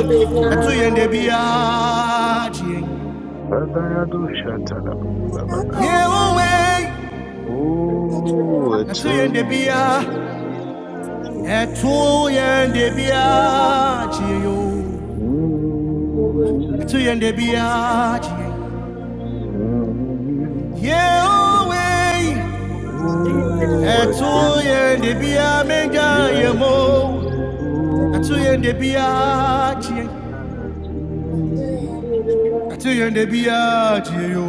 S2: Until you end the biagio.
S1: Badayado shatadaba, babada.
S2: Yeah, oh, way.
S1: Oh,
S2: Until you end the
S1: etumi badia,
S2: biagio.
S1: chimi.
S2: Until you end the biagio.
S3: Thank you.
S2: Until
S1: Mm.
S2: you end the biagio.
S1: Mm.
S2: Yeah, oh, way.
S1: Oh,
S2: Until you
S1: etu
S2: end the biagio. yeah,
S1: badia, chimi.
S2: Until you end the biagio.
S5: you.
S1: Mm.
S2: Atuyende biadio.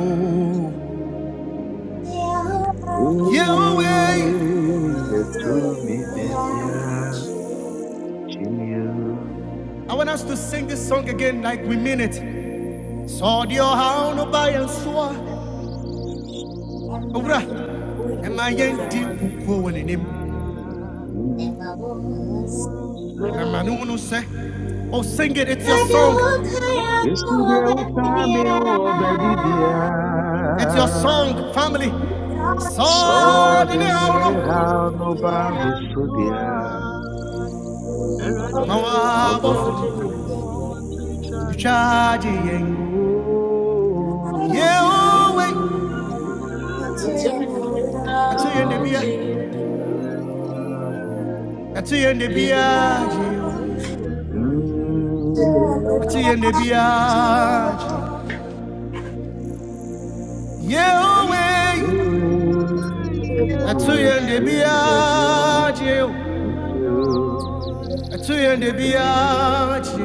S2: Yahweh.
S1: Eh, etumi badia, chimi.
S2: I want us to sing this song again like we mean it. Sɔdeɛ ɔhaw no ba yɛn soa.
S1: Jesus.
S2: Owura, ɛma
S3: Kuguwa
S2: yɛndi
S3: wani
S2: nkukuo wɔ n'anim.
S3: muda
S1: Mm.
S3: I I'll I day want
S2: Na ma ne wo no sɛ, Oh, sing it. It's your song.
S1: Esi deɛ woka
S3: want
S1: me ho ɔba bibiara,
S2: It's your song,
S3: to
S2: family.
S1: sɛ
S3: to say, the So
S2: Sɔdeɛ
S1: ɔde
S2: ne
S1: ne
S2: haw
S3: many
S4: Sharing.
S1: haw no
S3: only
S1: ba
S3: by
S1: me
S3: us
S1: so
S3: to
S1: deɛ,
S3: us. Every
S2: no, ma
S3: day I'm
S4: you
S3: a
S1: wabɔ
S2: w'abɔfo no
S3: walk
S4: judging
S3: to
S1: afa.
S4: me?
S3: want to
S2: ntwa
S3: chant
S2: agye i
S3: me.
S1: Oooooo,
S3: You
S1: Yehowa,
S3: know
S2: Yahweh.
S4: Until
S3: It's
S1: so
S2: Atuyende
S4: I judge
S1: me
S3: all
S2: bia-
S3: the
S4: you,
S1: baabiara
S3: beauty.
S1: gyina.
S2: Atuyende
S4: you
S3: I
S4: know,
S2: biadio.
S3: told the
S1: Mm,
S2: atuyende
S4: without
S3: beauty.
S4: you.
S2: biaje
S3: There
S2: yehowe
S3: is
S1: Yehowa,
S4: Without
S2: atuyende
S1: yɛto wo baabiara,
S5: Yeah.
S3: no
S2: biaje
S1: Yehowa.
S2: atuyende
S4: you.
S2: biaje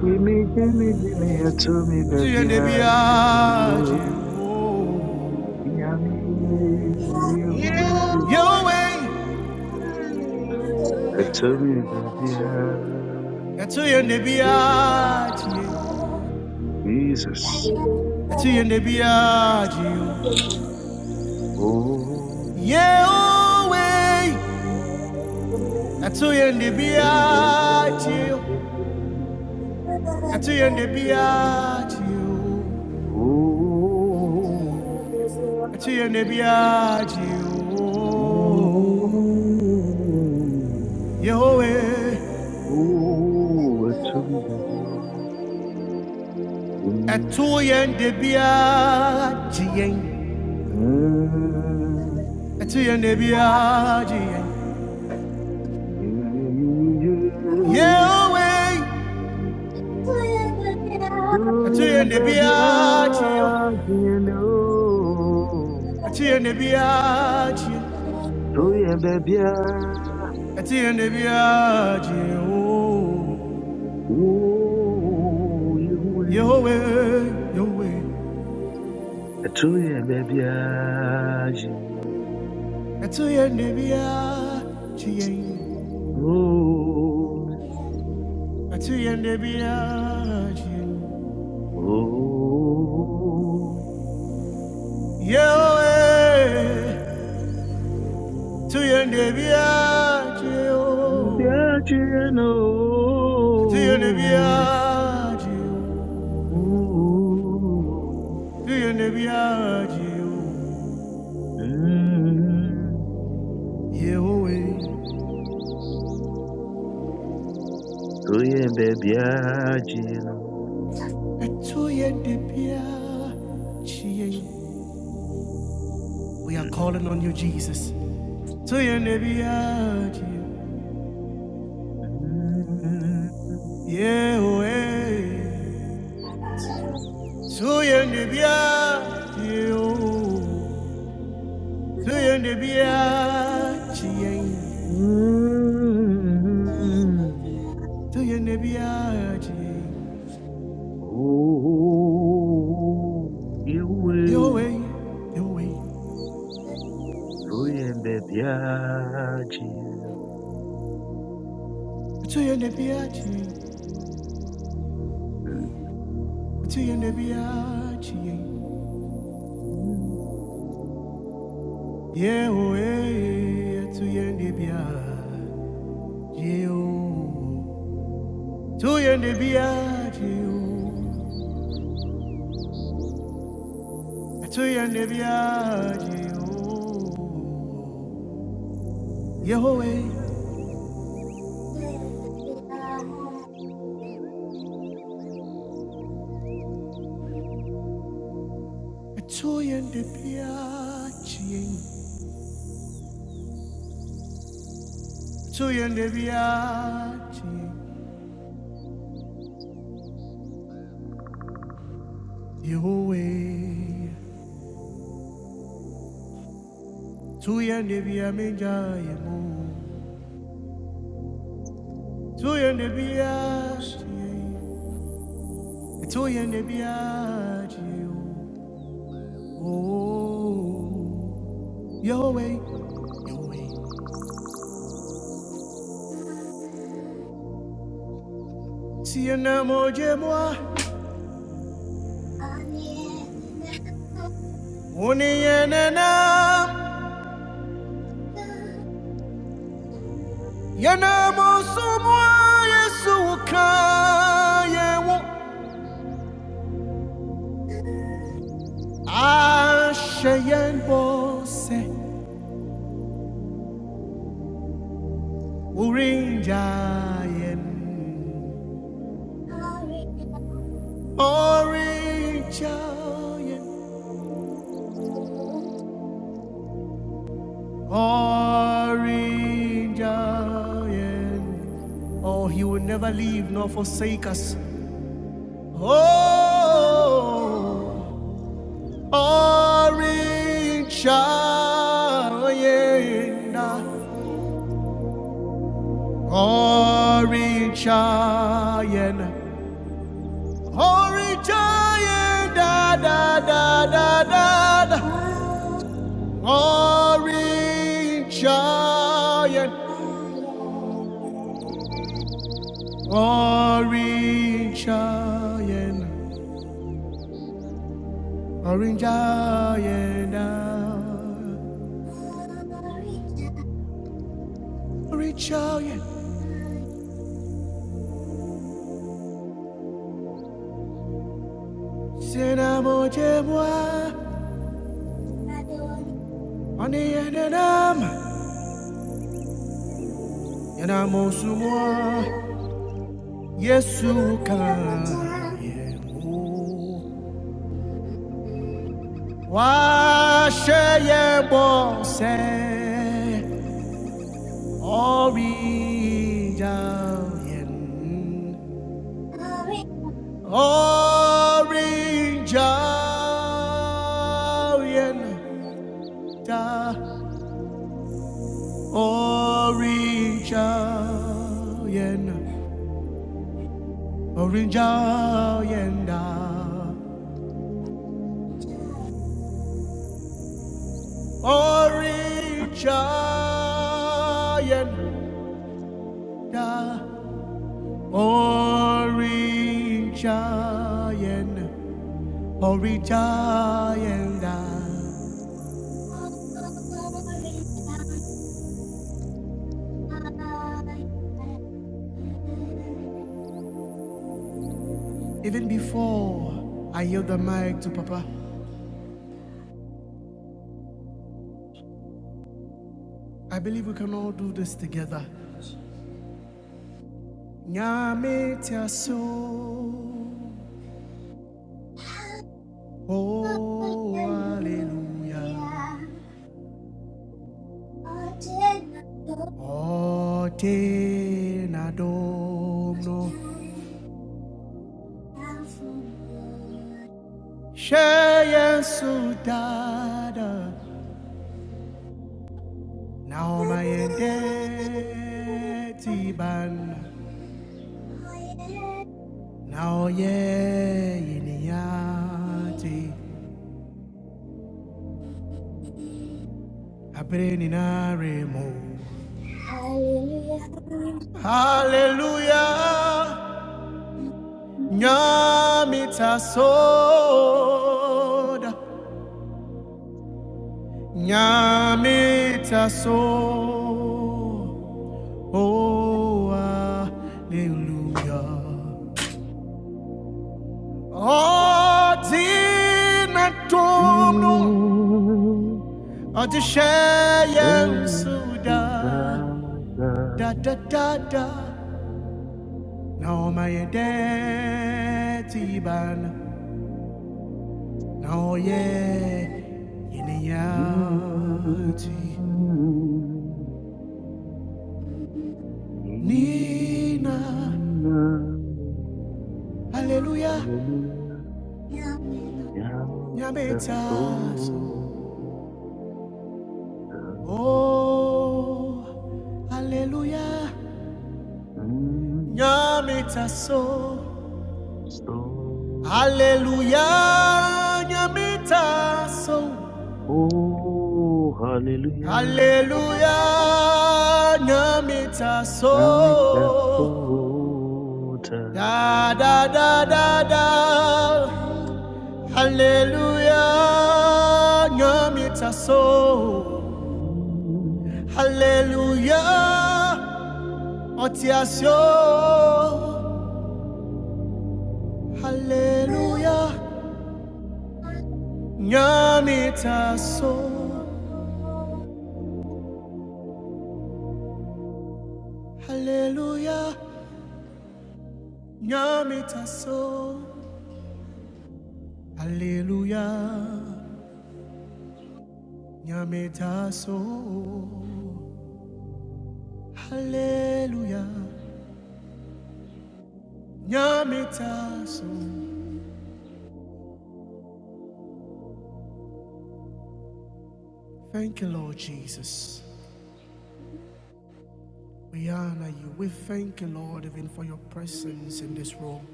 S1: Gimme, gimme, gimme, a to me, baby,
S2: atuyende
S1: a
S2: biaje oh.
S1: to me,
S2: yehowe
S1: a to me, baby, a to
S2: atuyende
S1: me.
S2: biaje
S4: I'm
S1: Jesus.
S4: like you.
S2: atuyende biaje
S1: Oh, oh,
S2: yehowe
S4: With
S2: atuyende
S1: oh,
S2: biaje atuyende biaje Atiende biaji o Yahweh
S1: oh, a to me, baby,
S2: Atoyende biaji en
S1: Mm-hmm.
S2: Atiende biaji en Yahweh Atiende biaji o Atiende biaji Atiende biaji o Yahweh Yahweh Atoyende biaji en Atiende biaji en Yahweh, to your Nebiagio, to your Nebiagio, to your Nebiagio, Yahweh,
S1: Onye mbịa jenu.
S2: to your We are calling on you, Jesus. To your Nebiagio,
S1: Mm,
S2: Yahweh, to your Nebiagio, to
S5: Yeah.
S2: your Nebiagio.
S1: mm,
S2: to your nebiaji,
S1: Oh,
S2: your
S1: you
S2: way, your way,
S1: onye mbịa jenu.
S2: to your nebiaji,
S1: Mm,
S2: to your nebiaji, yeah, way, to your nebiaji, to your nebiaji, to your nebiaji, yeah, way, to your nebiaji, to your nebiaji, your way. Tuya nibia minja yemu. Tuya nibia chie. Tuya nibia chie. Oh, Yahweh, Yahweh. Tia namo jemwa. Oni yena yenena. Yanamo somwa yesu ka yewo. Ashe yen bose. Urinja yen. Orange Giant, Orange Giant. Oh, he will never leave nor forsake us. Oh, Orange Giant, Orange Giant, Orange Giant, da da da da da, da. Orange Giant. Orange Giant, Orange Giant, ah. Orange Giant, c'est l'amour de moi. On est un homme, il y en a mon sous moi. Yesu kan
S5: Hallelujah.
S2: ye mo. Wa ye bo se. Orange Giant. Orange Orienta, Orange Orienta, Orange Orienta, Orange Orienta, Orange Orienta, Orange Orienta. Even before I yield the mic to Papa. I believe we can all do this together. Nyame tiaso. Oh, hallelujah. Ote na domno. Sheye sudada. Now my endeti ban. Now ye iniati. Abreninaremo. Hallelujah. Nyamitasoda, Nyamitasoda, oh
S5: Hallelujah. Thank
S2: hallelujah. Adina
S1: mm,
S2: domno,
S1: mm,
S2: adishayen suda,
S1: Dada.
S2: da da da da. Now my tiban, now yeah,
S1: Mm,
S2: yiniyati. Nina,
S1: Nina.
S2: Alleluia,
S1: Hallelujah. Yami
S2: Nyametaso.
S1: Stoda.
S2: Oh, Alleluia,
S1: Mm,
S2: Nyametaso.
S1: Stoda.
S2: Alleluia, Nyametaso.
S1: Oh, hallelujah.
S2: Alleluia, Nyametaso.
S1: Yami Stoda.
S2: Da da da da da. Alleluia, Nyametaso.
S1: Mm.
S2: Alléluia, entiation. Hallelujah, nyamitaso. Hallelujah, nyamitaso. Hallelujah, nyamitaso. Hallelujah, nyamitaso. Thank you, Lord Jesus. We honor you. We thank you, Lord, even for your presence in this room.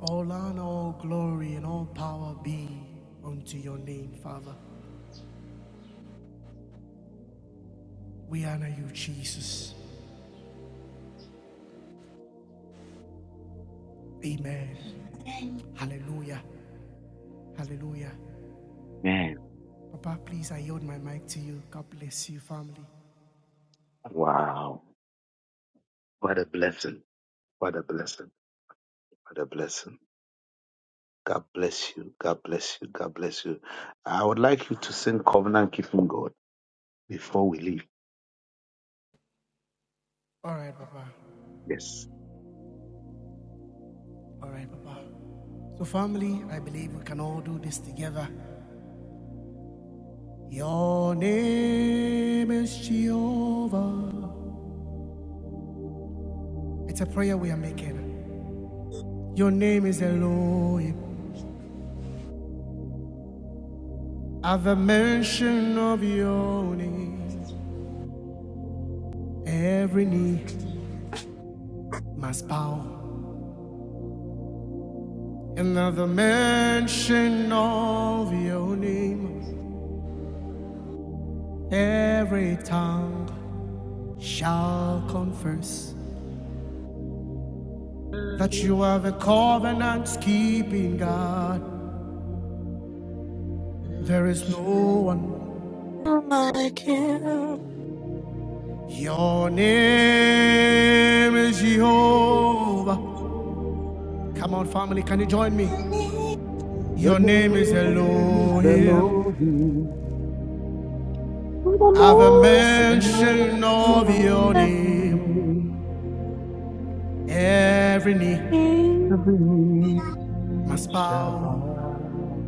S2: All honor, all glory, and all power be unto your name, Father. We honor you, Jesus. Amen. Hallelujah. Hallelujah.
S1: Man,
S2: Papa, please, I yield my mic to you. God bless you, family.
S1: wow. What a blessing. What a blessing. What a blessing. God bless you. God bless you. God bless you. I would like you to sing Covenant Keeping God before we leave.
S2: All right, Papa.
S1: Yes.
S2: All right, Papa. So, family, I believe we can all do this together. Your name is Jehovah. It's a prayer we are making. Your name is Elohim. At the mention of your name. Every knee must bow. Another mention of your name. Every tongue shall confess that you are a covenant keeping God. There is no
S3: one.
S2: one.
S3: Jehovah,
S2: Your
S3: Your
S2: name is Jehovah. Come on, family, can you join me?
S1: Your
S2: Your
S1: name
S2: name is
S3: name
S1: is
S3: is
S2: Elohim.
S1: Elohim,
S3: holy.
S2: I've a
S3: I
S4: emotions
S1: and the
S2: mention of your
S4: on
S1: name
S2: name.
S3: Every
S2: Every knee
S4: me.
S1: of every
S2: must bow.
S1: Shabbat.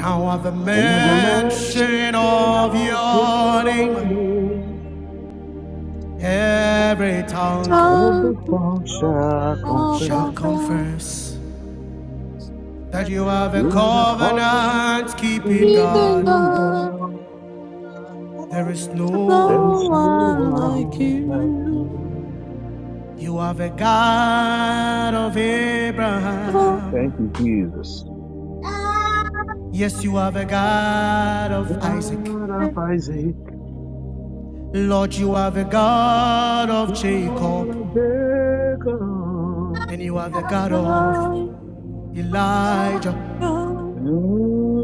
S3: of a
S2: at the
S1: And at the
S3: man's
S4: Worship
S2: mention
S1: mention
S2: of
S1: of
S2: your
S1: your
S2: name,
S1: name,
S2: every tongue
S1: all the
S4: of
S1: tongue
S3: of
S1: shall
S4: all
S2: shall
S1: confess.
S3: fire.
S4: confess.
S2: confess that
S3: that
S2: you
S3: you
S2: have
S3: are
S2: a
S3: the
S1: You are the
S3: throne
S2: covenant
S1: covenant
S2: keeping
S4: Even
S2: God.
S1: keeping
S4: God.
S3: prepared
S1: God.
S2: There is no
S1: There
S3: to
S4: No
S1: is
S2: one.
S4: one
S3: receive
S4: like
S1: no one like
S3: the
S4: you.
S3: King.
S1: you.
S2: You have a God of
S4: Oh,
S1: Thank
S2: Abraham.
S1: you, Jesus.
S2: Yes, you have a God of Isaac.
S1: God of
S4: and
S1: Isaac.
S2: Lord, you have a God of
S1: God
S2: Jacob.
S1: of Jacob,
S2: And you are the God
S4: I go,
S2: of Elijah,
S4: oh,
S1: mm,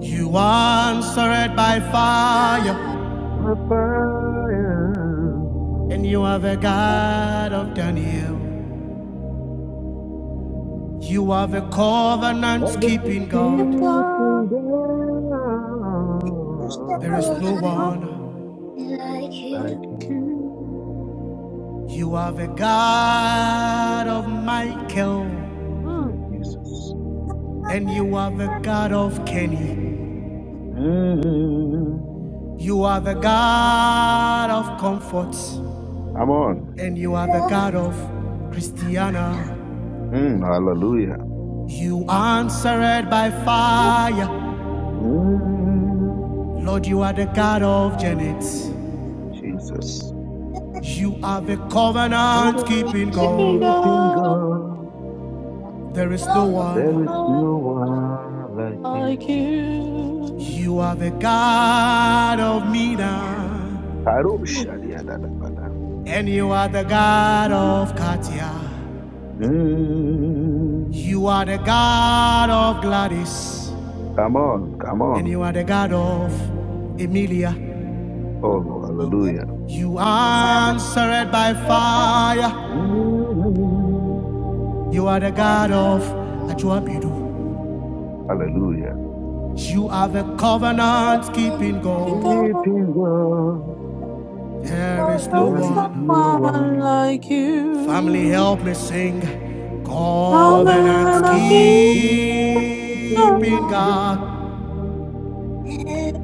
S2: you answered by
S5: you.
S2: fire,
S1: my fire,
S2: and you are the
S4: and
S2: God of Daniel. You are the covenant
S1: covenant
S2: keeping
S4: I
S2: God.
S1: keeping
S4: go
S5: There's no
S1: God,
S2: There is no
S1: there's
S5: one
S1: no
S2: one.
S5: like
S1: like
S5: you.
S4: like
S1: you.
S4: you.
S2: You are the God of Michael,
S4: Mm.
S1: Mm, Jesus.
S2: and you are the God of Kenny.
S1: Mm,
S2: You are the God of comfort,
S1: come on.
S2: and you are the God of
S5: I'm a young
S2: Christiana.
S1: Mm,
S5: lady.
S1: hallelujah.
S2: You answered by fire.
S1: Mm,
S2: Lord, you are the God of
S5: No
S2: Janet.
S1: Jesus.
S2: You are the covenant
S1: Covenant
S2: keeping God.
S1: keeping
S4: God
S1: God,
S2: There is no
S1: there is
S2: one.
S1: no
S5: one like
S1: one like
S4: like
S1: you.
S4: you.
S2: You are the God of Mina.
S1: Karo
S5: you.
S1: shadiadadabada.
S2: And you are the God of Katia.
S1: Mm.
S2: You are the God of Gladys.
S1: Come on, come
S2: And
S1: on.
S2: you are the God of Emilia.
S1: Oh, hallelujah.
S2: You
S5: If somebody
S2: answered by
S5: else
S2: fire.
S1: Mm.
S2: You are the
S5: had
S2: God
S5: a
S2: of Ajuabidu.
S5: woman,
S1: Hallelujah.
S2: You are the covenant
S5: then
S2: keeping God.
S4: God,
S1: Sleeping God,
S5: there's no
S2: There is
S5: one
S2: no
S4: there's
S1: there's
S4: no
S1: no
S2: one.
S4: one
S1: one.
S4: like
S2: Family,
S4: you.
S2: help me sing.
S4: No
S1: Other
S4: man
S2: Covenant
S4: like
S1: than
S2: keeping
S1: sleeping
S5: like
S2: God.
S4: you.
S1: God,
S5: everyone,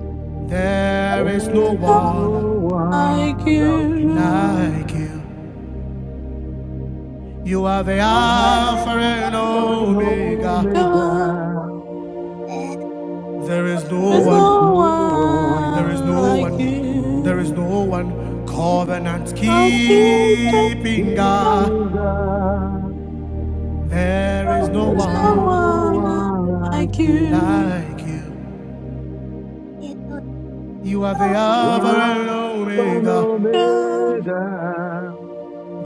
S2: There is no
S1: there's no
S2: one
S4: Someone like
S1: one like
S4: you.
S2: like you.
S1: you.
S2: You are the Alpha
S1: Alpha
S2: and
S5: everyone,
S1: and
S2: Omega.
S4: God.
S1: Omega.
S5: everyone.
S2: There is no
S4: There's
S1: There is
S5: Animals.
S4: no
S2: one.
S1: no
S2: There is
S1: one
S4: one
S2: no
S4: like
S1: like
S2: one. There is
S4: you.
S2: no
S1: you.
S2: one. Covenant
S4: I'll keep it
S2: keeping
S1: You
S4: down.
S2: God.
S1: can die.
S2: There is no
S1: There is
S4: There's
S1: no
S4: no
S2: one
S4: one
S1: one like
S4: like
S1: you.
S4: you.
S2: like you. You are the
S4: I'm a
S1: You
S2: Alpha
S1: are
S2: and
S1: Alpha and
S2: Omega.
S4: God.
S1: Omega.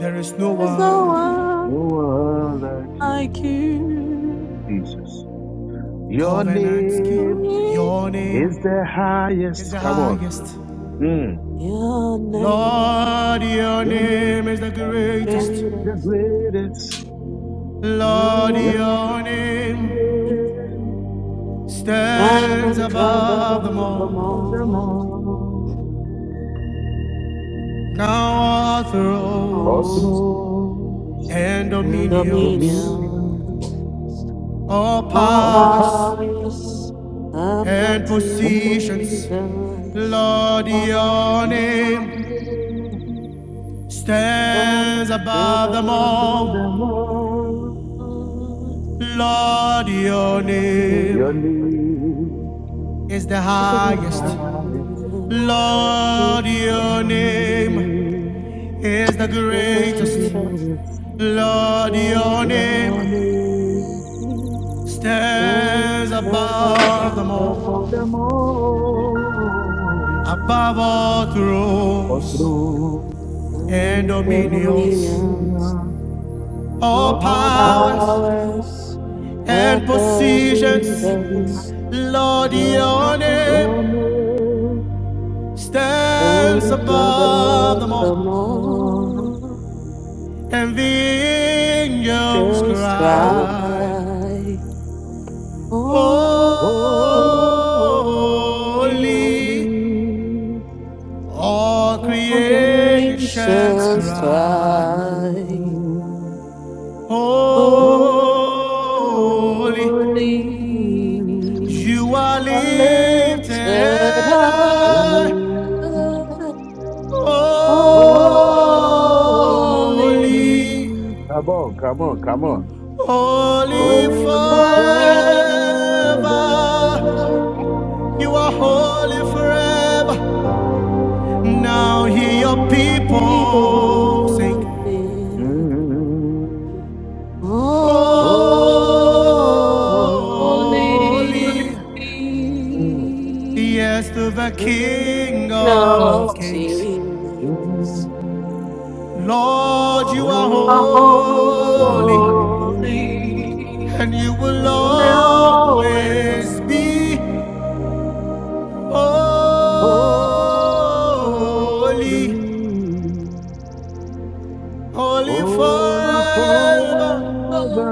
S2: There is no
S4: There's no
S2: one.
S4: one
S1: No one like
S4: like
S1: you.
S4: you.
S1: Jesus. Your name
S2: Kovanansky, your
S1: is
S2: name
S1: the
S2: is
S1: highest.
S2: the
S1: Come on.
S2: highest.
S1: Mm.
S4: Your name
S2: Lord, your
S1: Your name
S2: name is the greatest.
S1: is the
S4: greatest.
S1: greatest.
S4: Your
S2: Lord,
S1: Your
S2: your
S1: name
S2: name
S1: is
S4: name
S2: stands
S4: stands
S1: the
S2: above
S4: above
S2: them
S4: them
S1: greatest
S2: all.
S1: of them
S4: all.
S1: all.
S2: Now all
S1: All
S2: thrones
S1: through
S2: and
S1: the
S2: dominions,
S1: millions
S4: Dominion,
S2: all
S4: all
S1: of
S2: powers
S1: pioneers
S4: powers and
S2: and
S4: potentials.
S1: and
S2: positions.
S1: politicians,
S2: Lord, your
S1: you know
S2: name.
S4: And
S2: stands above them
S1: the
S2: all.
S1: world.
S2: Lord, your
S1: Your
S2: name
S1: name
S2: is the
S1: is
S2: highest.
S1: highest.
S2: Lord, your
S1: Your
S2: name
S1: name
S2: is the
S1: is
S2: greatest.
S4: dominions,
S1: greatest.
S2: Lord, your
S1: Your
S2: name
S1: name
S2: stands
S1: is
S2: above them
S1: above
S2: all,
S1: them all.
S2: above all
S1: All
S2: thrones
S1: through
S2: and
S1: in the
S2: dominions,
S1: millions
S4: all
S2: all
S1: of
S2: powers
S1: pioneers.
S4: powers
S2: and
S4: above the
S2: positions.
S4: earth.
S2: Lord,
S4: your
S2: your name
S4: name
S1: Yome
S2: stands
S4: Just
S2: above
S4: above
S2: them
S4: the
S2: all,
S1: Yakadeima.
S4: moon,
S2: and the angels
S4: just
S1: Arrow is
S2: cry,
S4: cry. Holy,
S2: Holy.
S1: Holy,
S2: All
S4: holy,
S2: creations
S4: just
S2: cry,
S4: cry.
S1: mm, holy,
S2: Holy.
S1: mm,
S2: You
S4: Holy,
S2: are
S4: blessed
S2: lifted
S4: art
S2: high, Holy.
S1: holy. Come on, come on, come
S4: holy.
S1: on.
S2: Holy
S4: Holy
S1: Holy forever,
S2: forever,
S4: forever.
S2: you are holy forever. Now hear your
S4: Only unto
S2: people
S4: evil
S2: sing.
S4: things.
S1: Mm,
S2: Holy,
S1: holy,
S4: holy,
S1: mm,
S2: yes, to the
S4: in the
S2: King
S4: name of
S2: of Kings.
S4: Jesus.
S1: mm,
S2: Lord, you are
S1: holy,
S2: holy,
S4: Holy.
S2: and you will always
S4: Lord,
S2: be holy.
S1: holy,
S2: holy
S1: holy
S2: forever.
S1: Father.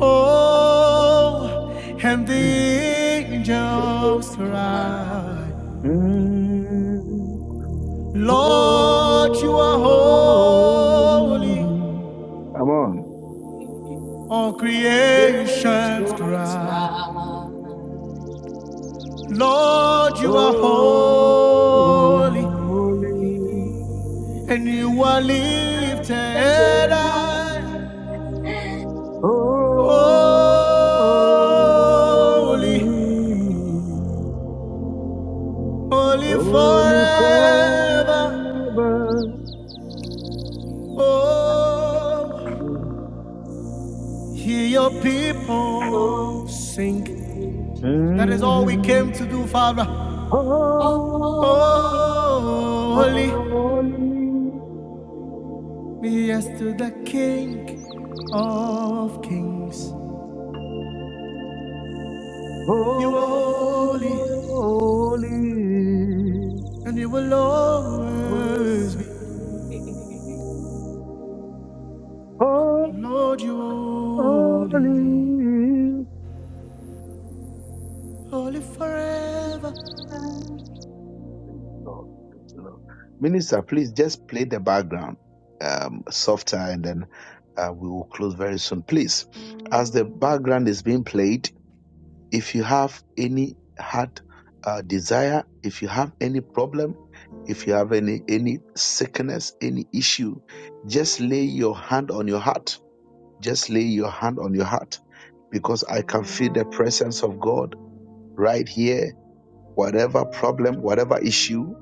S2: Oh, and the
S1: Mm,
S2: angels
S4: Cry.
S2: cry,
S1: mm,
S2: Lord, you are holy.
S1: holy. Come on.
S2: All creations cry, Lord, you are
S1: Holy,
S2: holy, and you are lifted high.
S1: holy,
S2: Holy, holy
S1: holy
S2: forever.
S1: Father,
S2: Oh,
S1: Mm.
S2: hear your people sing. That is all we came to do, Father.
S1: Holy,
S4: Holy, holy,
S2: Oh, Holy, yes to the King of Kings. You are holy, and you will always be.
S1: holy,
S2: Lord, you are
S4: holy,
S2: holy,
S1: holy,
S2: holy forever.
S1: Thank you, Lord. Thank you, Lord. Minister, please just play the background um, softer and then uh, we will close very soon. Please, as the background is being played, if you have any heart uh, desire, if you have any problem, if you have any any sickness, any issue, just lay your hand on your heart. Just lay your hand on your heart because I can feel the presence of God right here whatever problem, whatever issue,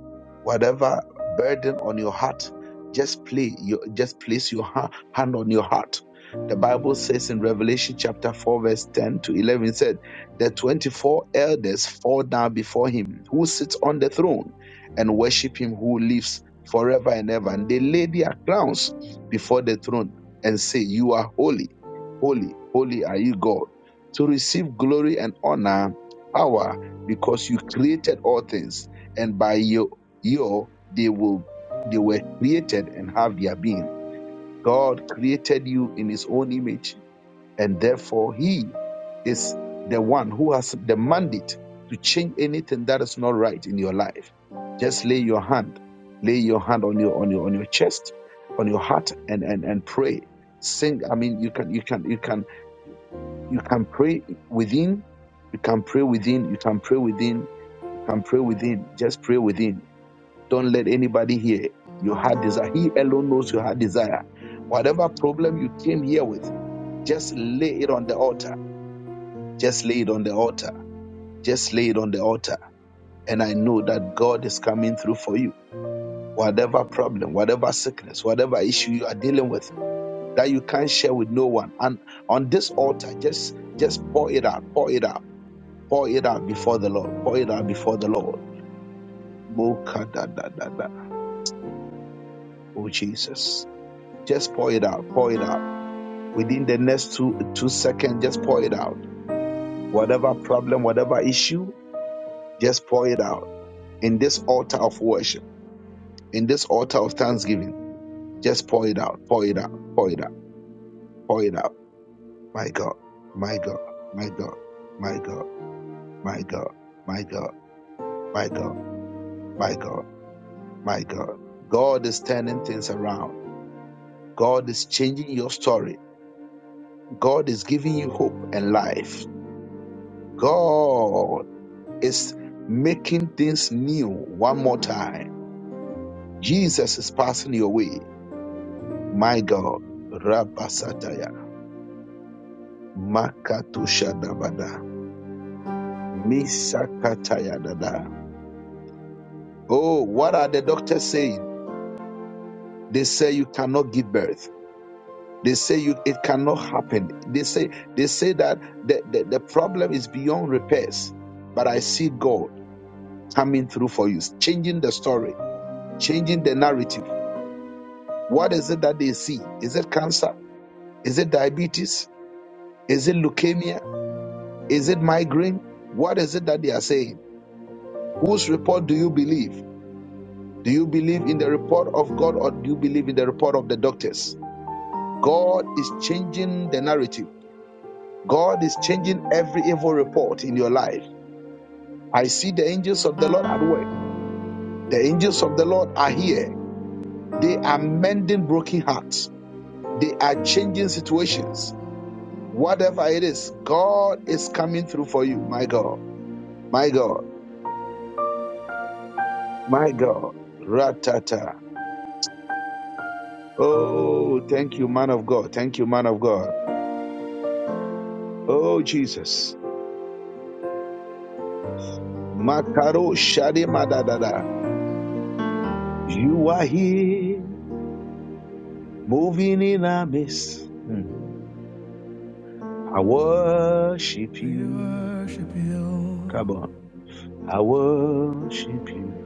S1: whatever burden on your heart, just play you just place your ha- hand on your heart. The Bible says in Revelation chapter 4, verse 10 to 11, it said, The 24 elders fall down before him who sits on the throne and worship him who lives forever and ever. And they lay their crowns before the throne and say, You are holy, holy, holy are you, God, to receive glory and honor, power because you created all things, and by your your they will they were created and have their being. God created you in His own image, and therefore He is the one who has the mandate to change anything that is not right in your life. Just lay your hand, lay your hand on your on your on your chest, on your heart, and and and pray. Sing. I mean, you can you can you can you can pray within. You can pray within. You can pray within. You can pray within. Just pray within. Don't let anybody hear your heart desire. He alone knows your heart desire. Whatever problem you came here with, just lay it on the altar. Just lay it on the altar. Just lay it on the altar. And I know that God is coming through for you. Whatever problem, whatever sickness, whatever issue you are dealing with that you can't share with no one. And on this altar, just just pour it out, pour it out Pour it out before the Lord. Pour it out before the Lord. Moka da da da da. Oh Jesus. Just pour it out. Pour it out. Within the next two two seconds, just pour it out. Whatever problem, whatever issue, just pour it out. In this altar of worship, in this altar of thanksgiving, just pour it out. Pour it out. Pour it out. Pour it out. My God. My God. My God. My God. My God. My God. My God. My God. My God. God is turning things around. God is changing your story. God is giving you hope and life. God is making things new one more time. Jesus is passing your way. My God. Rabasataya. Makatushadabada. Misakatayadada. Oh, what are the doctors saying? They say you cannot give birth. They say you it cannot happen. They say they say that the, the, the problem is beyond repairs. But I see God. coming through for you, changing the story, changing the narrative. What is it that they see? Is it cancer? Is it diabetes? Is it leukemia? Is it migraine? What is it that they are saying? Whose report do you believe? Do you believe in the report of God or do you believe in the report of the doctors? God is changing the narrative. God is changing every evil report in your life. I see the angels of the Lord at work. The angels of the Lord are here. They are mending broken hearts They are changing situations. Whatever it is, God is coming through for you. My God, my God, my God. Ratata. Oh, thank you, man of God. Thank you, man of God. Oh, Jesus. Makaro shade madadada. You are here, moving in our midst. Hmm. I worship
S2: We
S1: you.
S2: worship
S1: Come on.
S2: you.
S1: I worship you.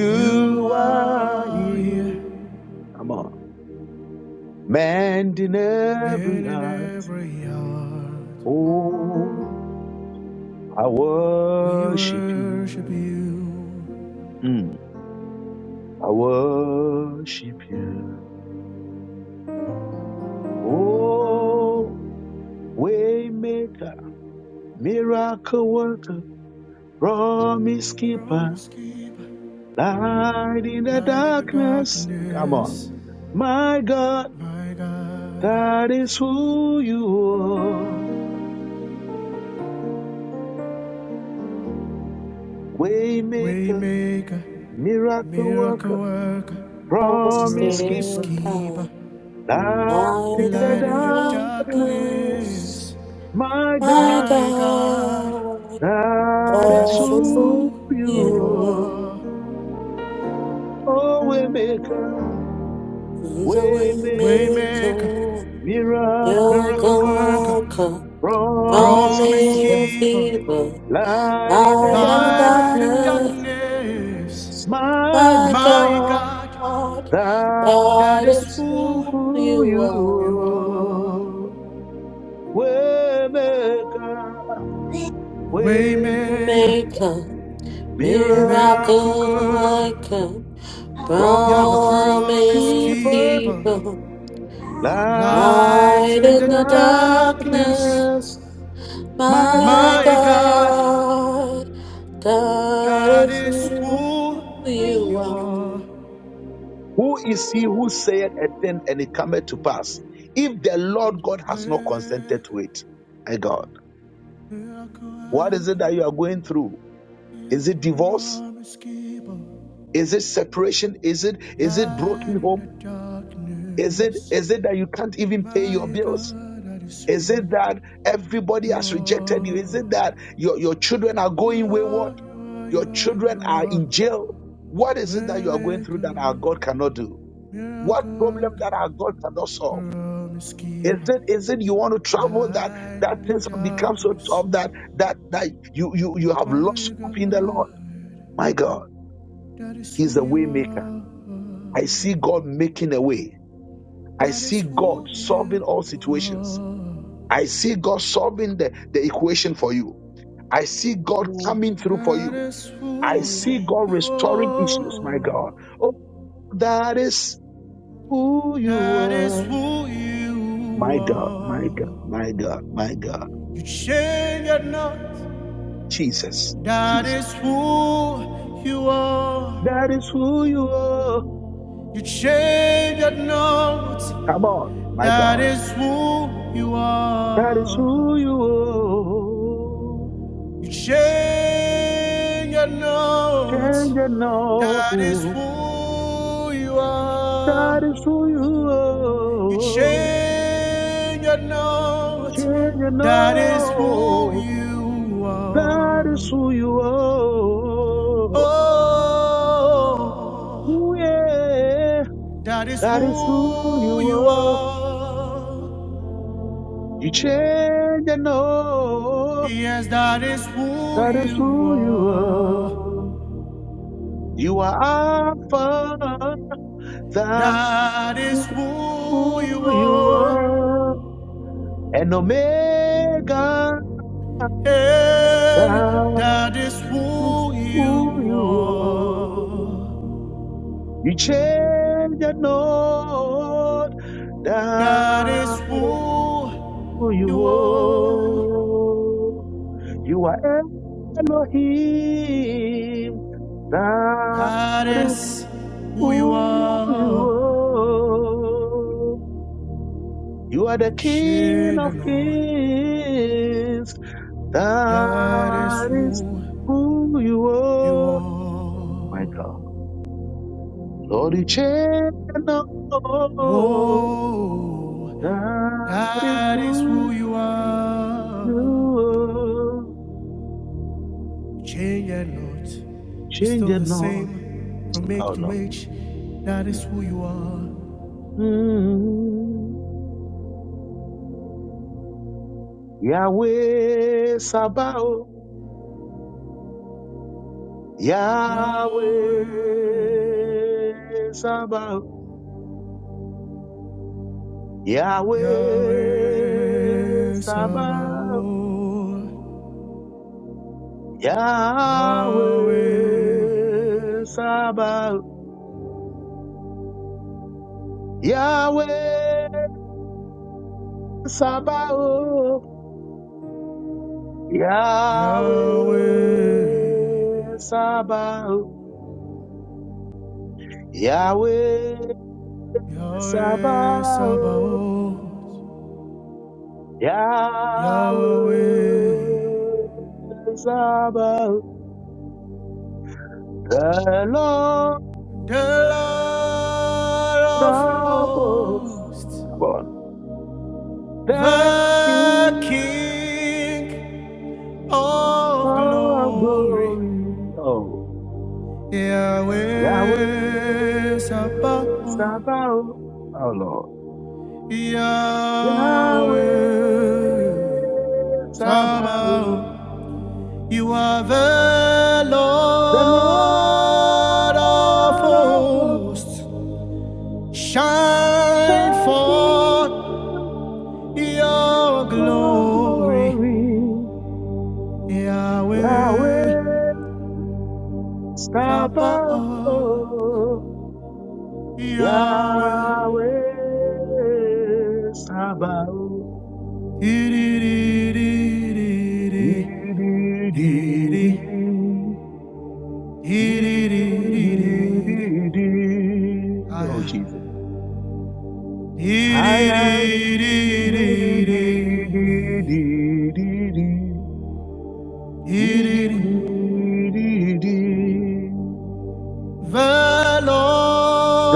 S2: You
S1: are
S2: are here.
S1: here. Come on. mend in every
S2: Man in
S1: heart.
S2: every heart,
S1: Oh, I
S2: we
S1: worship
S2: worship
S1: you.
S2: you.
S1: Mm, I worship you. Oh, waymaker, miracle worker, promise keeper,
S2: Promise keeper,
S1: light in the
S2: light in the
S1: darkness. Come on.
S2: darkness,
S1: My God,
S2: my God.
S1: that is who you are. Waymaker,
S2: Waymaker,
S1: miracle
S2: miracle
S1: worker,
S2: worker,
S1: promise
S2: promise
S1: keeper.
S4: Trusted
S2: keeper,
S4: God,
S1: Light in
S4: I the
S1: the
S2: light in the
S1: darkness,
S4: weakness,
S2: darkness,
S1: my
S4: my
S1: God,
S2: my God.
S4: God,
S1: that
S2: That
S1: is
S2: is
S4: God is
S1: who
S2: who
S4: fool
S2: you
S4: you
S1: you
S4: are.
S2: are.
S1: are. Oh, way maker,
S4: Who's a
S1: way
S4: way
S1: make,
S2: Waymaker,
S4: maker,
S1: miracle
S2: miracle
S1: worker,
S4: miracle
S2: worker.
S4: worker,
S1: promise
S2: Promise
S1: keeper.
S4: promise
S2: keeper,
S4: fever.
S1: Light in the
S4: Light and
S2: light in the
S4: darkness,
S1: darkness,
S2: darkness.
S1: my
S4: my
S1: God,
S2: My God,
S4: God,
S1: that
S2: that
S4: God
S2: is
S1: is
S4: is
S2: who
S4: who
S1: who
S4: you
S1: you
S4: are.
S2: you are.
S1: are. Way maker, way make,
S2: Waymaker,
S4: Maker,
S2: miracle
S4: miracle
S1: miracle
S2: worker,
S4: worker,
S1: worker,
S2: you're the promise
S4: promise
S1: keeper,
S2: keeper.
S4: keeper,
S1: light
S2: Light
S1: in
S4: light
S2: in
S1: the
S4: in
S2: the
S4: the
S1: darkness.
S2: darkness.
S4: darkness,
S1: My
S4: my
S1: God,
S2: My God,
S4: God, God
S2: that
S4: is
S2: is
S4: who
S2: who you are.
S4: you
S1: who is he who said a thing and it cometh to pass? If the Lord God has
S4: are.
S1: not consented
S2: Waymaker,
S1: to it, my God,
S2: miracle
S1: what is it
S2: worker.
S1: that you are going through?
S2: You're
S1: Is
S2: the
S1: it divorce?
S2: promise keeper,
S1: Is it separation? Is it is it
S2: light
S1: broken
S2: in
S1: home?
S2: the
S1: Is it
S2: darkness.
S1: is it that you can't even pay your
S2: My
S1: bills?
S2: God, that is
S1: Is it
S2: who
S1: that everybody
S2: you
S1: has rejected you? Is
S2: are.
S1: it that your, your children are
S2: You
S1: going wayward?
S2: are, you are,
S1: Your
S2: you are,
S1: children
S2: you
S1: are
S2: are.
S1: in jail? What is it that you are going through that our
S2: Waymaker,
S1: God cannot do? What
S2: miracle
S1: problem
S2: worker,
S1: that our God cannot solve?
S2: promise
S1: Is
S2: keeper,
S1: it is it you want to travel that
S2: light in
S1: that
S2: the
S1: things have become so
S2: darkness.
S1: tough that that that you you you have lost
S2: My
S1: hope in the Lord?
S2: God,
S1: My God,
S2: that is
S1: He's
S2: who
S1: a way
S2: you
S1: maker.
S2: are.
S1: I see God making a way. I
S2: That
S1: see
S2: is
S1: God
S2: who you
S1: solving all situations.
S2: are.
S1: I see God solving the, the equation for you. I see God
S6: Amen.
S1: coming through for
S2: That
S1: you.
S2: is
S1: I
S2: who
S1: see
S6: Amen.
S1: God
S2: you
S1: restoring issues, my God.
S2: are.
S1: Oh, that is who,
S2: That is who you
S1: my God, my God,
S2: are.
S1: my God, my God.
S2: You change it not.
S1: Jesus,
S2: That
S1: Jesus.
S2: is who you
S1: That,
S2: are. You change it not.
S1: come on, my
S2: That
S1: God.
S2: is who you
S1: That
S2: are.
S1: is
S2: You change it not.
S1: change and know
S2: That is
S1: who.
S2: who you are.
S1: That is who you
S2: You
S1: are.
S2: change it not.
S1: Change and
S2: That is who
S1: know.
S2: you
S1: That is who
S2: are.
S1: you are. Ooh,
S2: Oh,
S1: yeah.
S2: that is
S1: That is who
S2: who you
S1: you
S2: are.
S1: You change and know
S2: Yes, that is who
S1: that is
S2: you
S1: who you
S2: are.
S1: are. You are Alpha, that
S2: That is
S1: is
S2: who you
S1: who you
S2: are.
S1: are. And Omega,
S2: And
S1: that
S2: that is
S1: is
S2: who
S1: who
S2: you
S1: you are.
S2: are.
S1: You change and know that
S2: Goddess,
S1: is who
S2: who
S1: you
S2: you are.
S1: are. You are Elohim, That is.
S2: Goddess, who you
S1: who you
S2: are.
S1: are. You are the King of
S2: Shinano.
S1: Kings.
S2: Goddess,
S1: That is
S2: who
S1: who you
S2: you
S1: are. My God.
S2: are.
S1: Lord, you change the
S2: Oh,
S1: That is
S2: that is who
S1: who
S2: you are.
S1: you are.
S2: Change not. You're
S1: Change
S2: still
S1: it
S2: the
S1: not.
S2: same from
S1: How
S2: age to
S1: long?
S2: age. That is who you are.
S1: Mm. Yahweh Sabaoth. Yahweh Sabaoth. Yahweh
S2: Yahweh
S1: Sabaoth.
S2: Sabaoth,
S1: Yahweh
S2: Yahweh,
S1: Sabaoth. Yahweh Sabaoth. Yahweh
S2: Yahweh,
S1: Sabaoth. Yahweh
S2: Yahweh
S1: Sabaoth.
S2: Sabaoth,
S1: Yahweh
S2: Yahweh,
S1: Sabaoth. The Lord
S2: the Lord of
S1: of hosts.
S2: hosts,
S1: Come on. Thank
S2: the
S1: you.
S2: King of
S1: Oh,
S2: glory,
S1: glory. Oh, Yahweh
S2: Yahweh Sabaoth.
S1: Sabaoth. Oh, Lord.
S2: Yahweh
S1: Yahweh Sabaoth.
S2: Sabaoth, you are the
S1: The
S2: Lord of
S1: Lord of hosts,
S2: hosts. Shine
S1: the
S2: forth your glory,
S1: glory. Yahweh
S2: Yahweh
S1: Sabaoth.
S2: Sabaoth, Yahweh.
S1: Yahweh Sabaoth. Oh,
S2: Di-di-di-di-di-di-di-di. Di-di-di-di-di-di. Ah, yeah.
S1: Jesus.
S2: The
S1: I am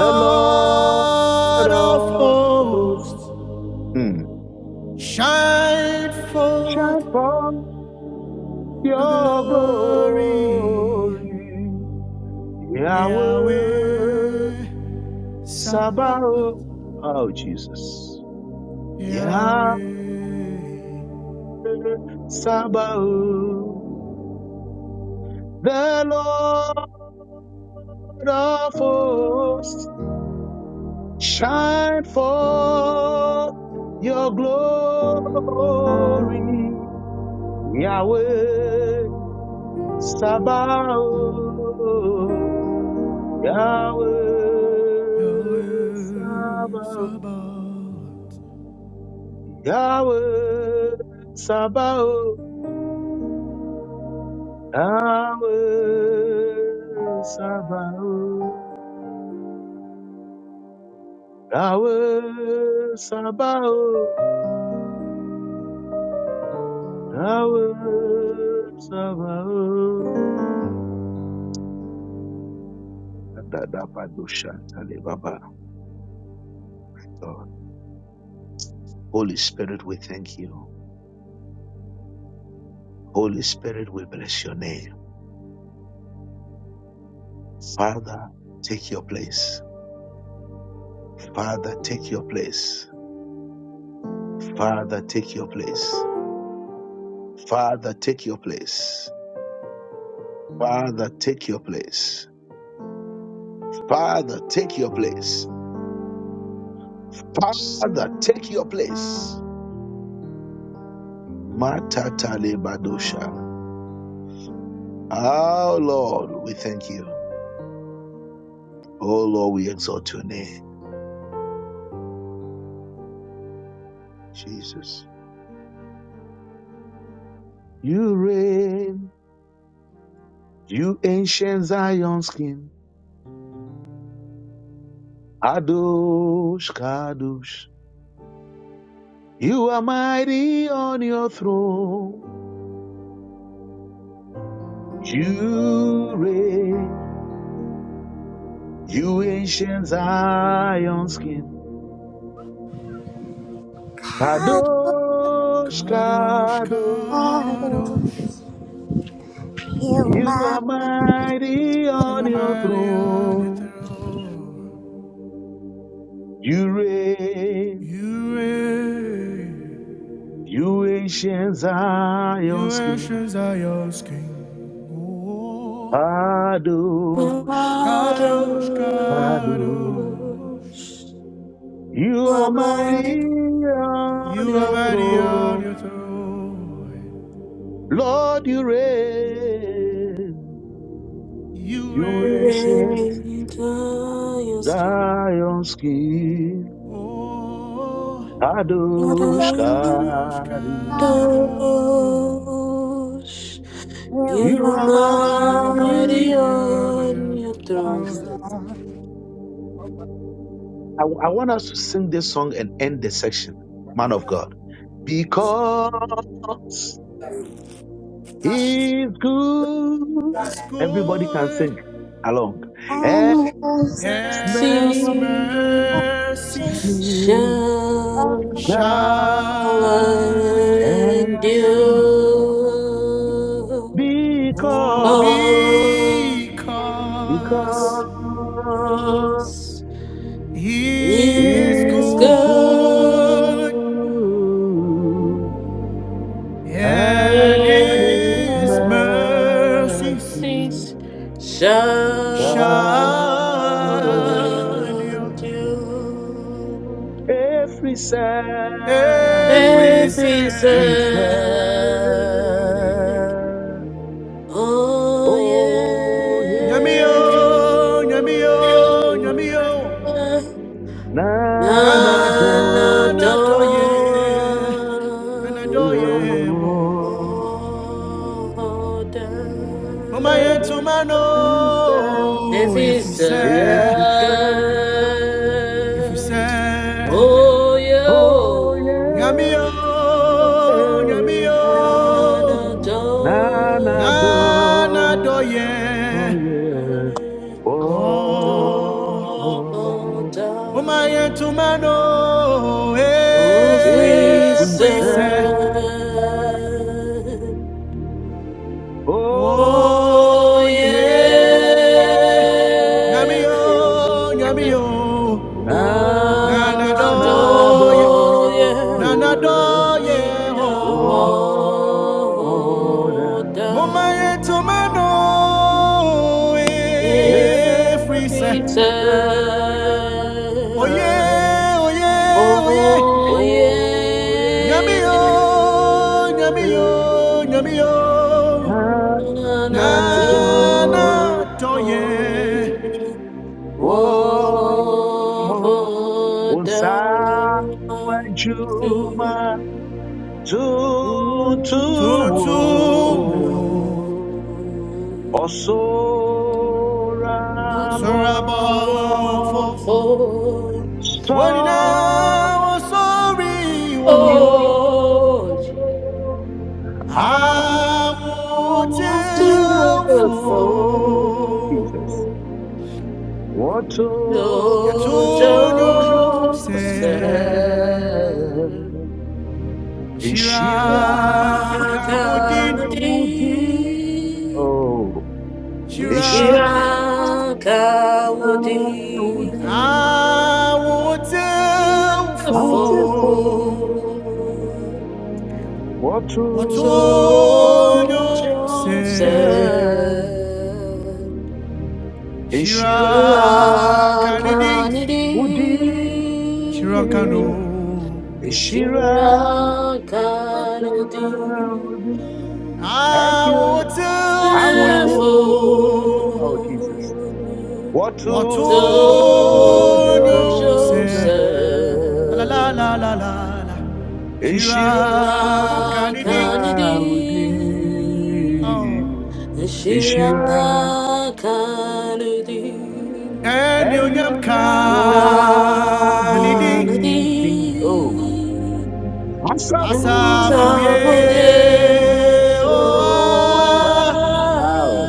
S1: The Lord
S2: of
S1: of hosts
S2: hosts,
S1: hmm.
S2: shine forth
S1: shine forth
S2: your
S1: your
S2: glory,
S1: glory.
S2: Yahweh.
S1: Yahweh Sabaoth.
S2: Sabaoth,
S1: Oh, Jesus. Ya
S2: Yahweh,
S1: Sabaoth, the Lord of hosts, shine forth your glory, Yahweh Sabaoth,
S2: Yahweh,
S1: Yahweh Sabaoth,
S2: Sabaoth,
S1: Yahweh Sabaoth, Yahweh Sabaoth. Rawe Sabao, Rawe Sabao. Adadabadoshantale, Baba. Lord, Holy Spirit, we thank you. Holy Spirit, we bless your name. Father, take your place. Father, take your place. Father, take your place. Father, take your place. Father, take your place. Father, take your place. Father, take your place. Matata Oh Lord, we thank you. Oh Lord, we exalt your name, Jesus. You reign, you ancient Zion's king, Adosh Kadosh. You are mighty on your throne. You reign, you ancient Zion's king, Kadosh
S2: Kadosh,
S1: Kadosh.
S2: Kadosh,
S1: You are mighty
S2: You
S1: on
S2: are
S1: your
S2: mighty on your
S1: throne.
S2: throne.
S1: You reign.
S2: You reign.
S1: You ancient
S2: You
S1: Zion's king,
S2: actions are your king. Oh,
S1: Kadosh,
S4: Waters
S2: Kadosh,
S1: Kadosh.
S2: Kadosh.
S1: You
S4: for
S1: are
S4: my
S1: mighty on
S2: You are
S1: your
S2: mighty on
S1: throne,
S4: refuge,
S2: your throne.
S1: Lord, you reign.
S2: You
S1: You ancient
S2: reign.
S4: render your skin.
S1: Zion's king,
S2: Oh,
S1: Kadosh,
S4: Waters,
S2: Kadosh, Kadosh.
S1: Kadosh.
S4: you
S1: You
S4: are
S1: are
S2: You are
S4: mighty
S1: mighty.
S2: mighty on
S4: on your
S2: your
S4: throne.
S2: throne.
S1: I, I want us to sing this song and end the section, man of God. Because It's good.
S2: It's
S1: Everybody can sing
S2: good.
S1: along. Excelsis
S2: and his
S4: mercies
S2: mercies
S4: shall
S2: shall
S1: thou and
S2: endure.
S1: God,
S4: endure
S2: Oh,
S1: because because
S2: because
S4: us.
S2: he is
S4: Is
S1: it's
S2: good
S1: good
S4: good
S1: and
S2: and
S4: his
S1: it's
S2: his mercies
S1: mercy.
S4: mercies
S2: shall
S4: shall endure
S2: endure
S1: thou Every
S2: every
S1: cell
S2: cell.
S4: every
S1: is
S4: day.
S1: cell.
S4: Oh
S1: Oh yeah.
S2: Yamio, yamio, yamio.
S4: yeah.
S1: Nana
S4: and
S1: go.
S2: Nana doye, nana
S4: adore your
S2: doye
S1: oh,
S2: wo. Mama yentu
S1: Every
S4: name.
S1: cell.
S4: if
S2: mano, if we
S4: it's he's
S2: say,
S1: Every cell.
S2: if we say,
S4: oh
S1: Oh
S2: nyamio,
S4: yeah
S1: yeah.
S4: and
S2: nyamio.
S1: Nanado.
S4: adore
S2: Nana
S1: Oh,
S2: doye,
S1: yeah.
S2: oh.
S4: your
S1: Oh,
S2: Mama
S4: name.
S2: yentu mano,
S4: O
S1: if
S4: free
S1: we
S2: if
S4: son,
S2: we
S1: say,
S2: say.
S1: oh,
S4: oh
S2: Oh yeah,
S4: yeah,
S2: Namio,
S1: yeah.
S2: Namio,
S4: none
S2: Nana
S4: of
S1: Nanado.
S2: doye,
S4: joy
S2: Nana
S1: Yeah.
S4: we
S2: doye,
S4: are
S2: oh,
S1: Oh,
S4: all
S1: yeah.
S4: done.
S2: Mama tomano,
S4: If
S2: eh,
S1: If
S2: freeze.
S4: we
S1: we
S2: Oh
S4: turn,
S1: say,
S2: yeah, oh yeah, oh yeah,
S4: oh
S1: Oh
S2: Namio,
S4: yeah.
S2: Namio,
S1: yeah,
S2: Namio,
S1: na na
S4: Oh, Jesus.
S2: Nana
S1: do.
S2: doye,
S1: Oh, usa wajuma tuntuwo.
S2: tutu.
S1: Osora bofu
S2: Sorabofo, onina
S1: so
S2: osori wo,
S1: I want
S4: How
S2: amotilfo,
S1: for Jesus.
S4: wonderful.
S1: What
S4: Yo,
S2: yatonyo
S1: all you
S2: se,
S4: Joseph,
S1: stand in
S2: shira
S1: Shirakaudi?
S4: ya
S5: Thank
S2: kawodin,
S4: kanadi,
S1: Oh, in
S2: shira
S1: Shirakaudi.
S4: shira kawdi,
S1: I
S2: awotilfo,
S4: ilafo,
S1: want for what
S4: so
S1: all
S2: watonyo
S1: you
S2: se.
S1: stand
S4: Joseph,
S1: in
S2: Shira
S4: ya
S2: Kanidi,
S1: Shirakaudi.
S2: Shira
S4: kanadi.
S2: Kano.
S1: Ishira
S4: Shira gonna do
S1: and
S2: I will
S1: you,
S2: tell
S1: I want to Awotefo.
S2: for
S1: Oh Jesus.
S4: careful
S2: what
S1: Watu
S4: so
S2: you say. La la la la
S4: Joseph
S1: Jerusalem.
S2: la la. Shira
S1: Ishirakaudi
S2: Kanidi,
S4: Wakanidi
S2: oh.
S4: Shira
S1: Ishira
S4: Kanidi
S2: And you
S1: and you,
S2: nyam
S1: Adioi
S2: Kanidi,
S1: Tani. Oh.
S4: Wakanidi
S1: I'm so
S4: Thank
S1: full.
S2: Asafuye,
S1: Yeah.
S2: oh,
S1: Oh, Yehovah.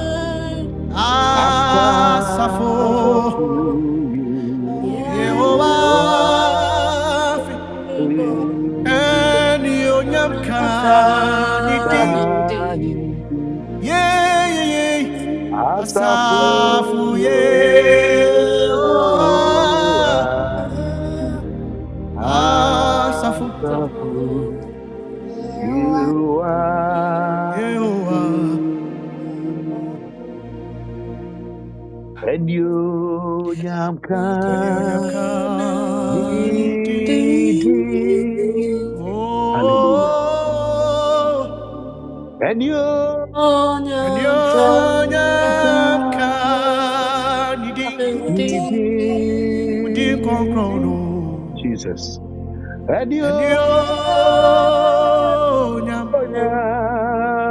S2: ah,
S1: After
S2: Asafo.
S1: you, you are
S2: yehowafi
S1: able
S2: eni onyamkani di
S1: standing.
S2: yeyeye
S1: After
S2: asafu yehowa
S1: you are,
S2: asafu
S1: after you
S4: you.
S1: are
S2: yehowa
S1: able. And you nyamka
S2: eni onyamkani di
S1: nidi.
S2: oh
S1: Hallelujah. And you're
S2: eni
S1: God,
S2: onyamkani di conquer no.
S1: Jesus. And
S2: And yo
S1: you're
S2: nyam,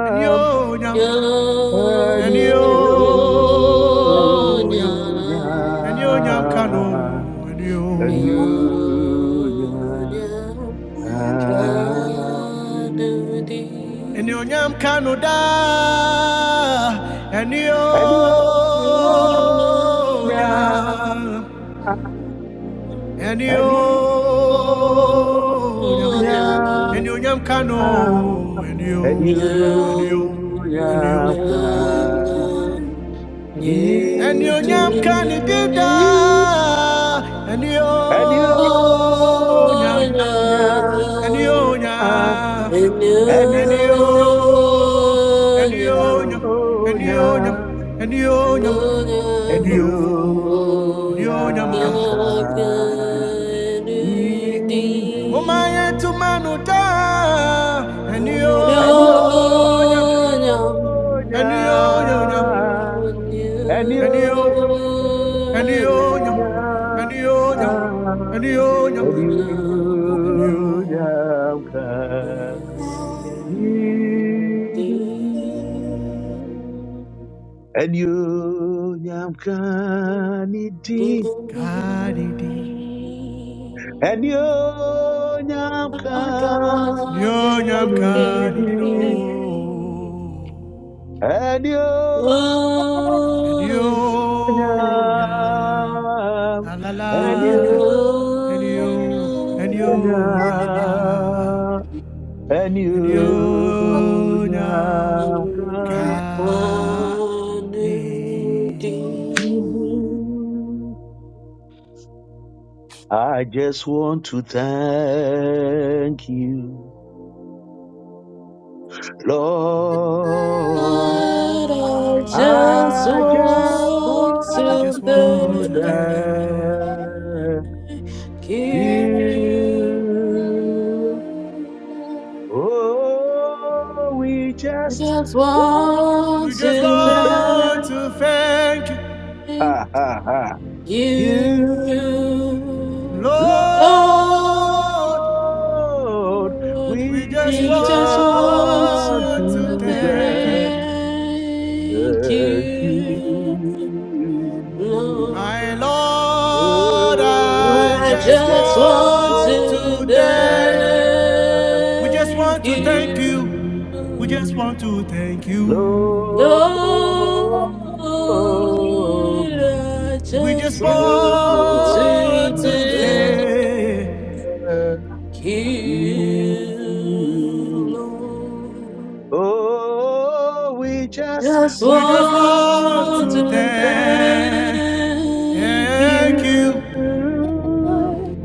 S2: and yo
S4: Yeah.
S2: nyam,
S1: and
S2: and yo
S1: you
S2: nyam,
S1: and
S2: and yo nyam kano, and
S1: you and
S2: yo,
S1: you
S4: Nyonya kanudi.
S2: and yo nyam kano da, and yo nyam, and
S1: and
S2: yo nyam,
S1: you
S2: and yo nyam kano, and yo, and yo, and yo.
S4: Nyonya
S2: And you nyam can it did da and you nyam and you nyam and you and you nyam and you nyam and you nyam and you and you nyamuka Mama yetu manu da and you
S4: Oh,
S5: you.
S2: nyam and you nyam
S1: And
S2: and you
S1: you,
S2: and you nyam
S1: and
S5: Thank
S2: and you
S1: you
S2: nyam and you nyam And you
S1: nyam
S4: A
S1: kanidi
S4: new day beginning.
S1: and you nyam
S4: A new
S1: kanidi
S4: day.
S2: kanidi
S1: and you
S4: Oh,
S1: nyam
S4: a
S2: Nyo nyam
S4: new,
S2: kanidi do And you nyam la la la
S1: and you
S2: And you and you nyama
S1: nyam and
S2: And you
S4: new,
S1: you
S2: nyam
S4: new
S1: nyam
S4: Redeemer,
S2: kanidi
S1: I just want to thank you, Lord.
S4: I
S2: Lord I
S4: just
S1: I
S2: just
S1: just
S4: want
S2: I
S4: to
S2: just
S1: want
S2: want
S1: to
S2: to
S4: thank
S2: tell
S1: thank
S4: you.
S1: you. Oh, we just
S4: Just
S1: want
S2: We
S4: want
S2: just
S1: to
S2: want
S4: to
S1: thank
S2: to thank you,
S4: thank
S1: you.
S4: You,
S2: Lord.
S1: Lord,
S4: Lord,
S1: we
S2: We just
S4: we just
S1: just
S4: want
S1: want
S2: want to
S4: to
S2: thank
S1: to
S2: you,
S4: thank
S1: thank
S4: you,
S1: you.
S2: my
S4: Lord.
S2: Lord.
S1: Oh,
S2: I
S4: I
S1: we
S2: just
S4: just
S1: just
S4: want
S2: want
S1: want
S4: to
S2: to
S1: to
S2: thank you. We
S1: thank
S2: just
S4: thank
S2: want to thank you.
S1: you.
S2: We just want
S4: you.
S2: to thank you.
S4: Lord,
S1: Lord,
S4: I
S2: We
S4: just
S2: just
S1: we just
S4: want
S1: want
S4: to
S2: want to
S4: thank
S1: to
S2: thank.
S1: thank
S4: you,
S1: you.
S4: Lord.
S1: Oh, we just
S4: Just
S2: We just
S1: want
S2: want
S4: want
S2: to
S4: to
S1: to thank
S2: thank.
S4: thank
S2: Thank
S4: you,
S1: you,
S2: you.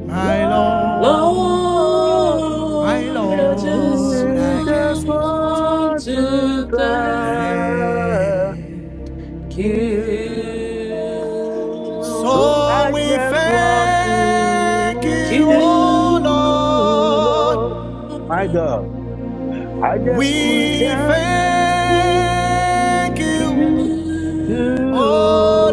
S2: My Lord,
S1: Lord.
S2: my
S4: Lord. I just
S2: Lord,
S1: We
S2: I
S1: just
S2: just want
S4: want
S2: to
S1: want to
S4: to thank
S2: dance.
S4: Kill,
S1: thank you. So
S2: So
S1: I
S2: we
S1: just want
S2: thank
S1: to,
S2: you,
S1: to
S2: oh
S4: kill.
S1: Lord, my God. I
S2: Lord.
S1: just want to
S2: We thank
S1: thank
S2: you,
S1: you. You,
S2: oh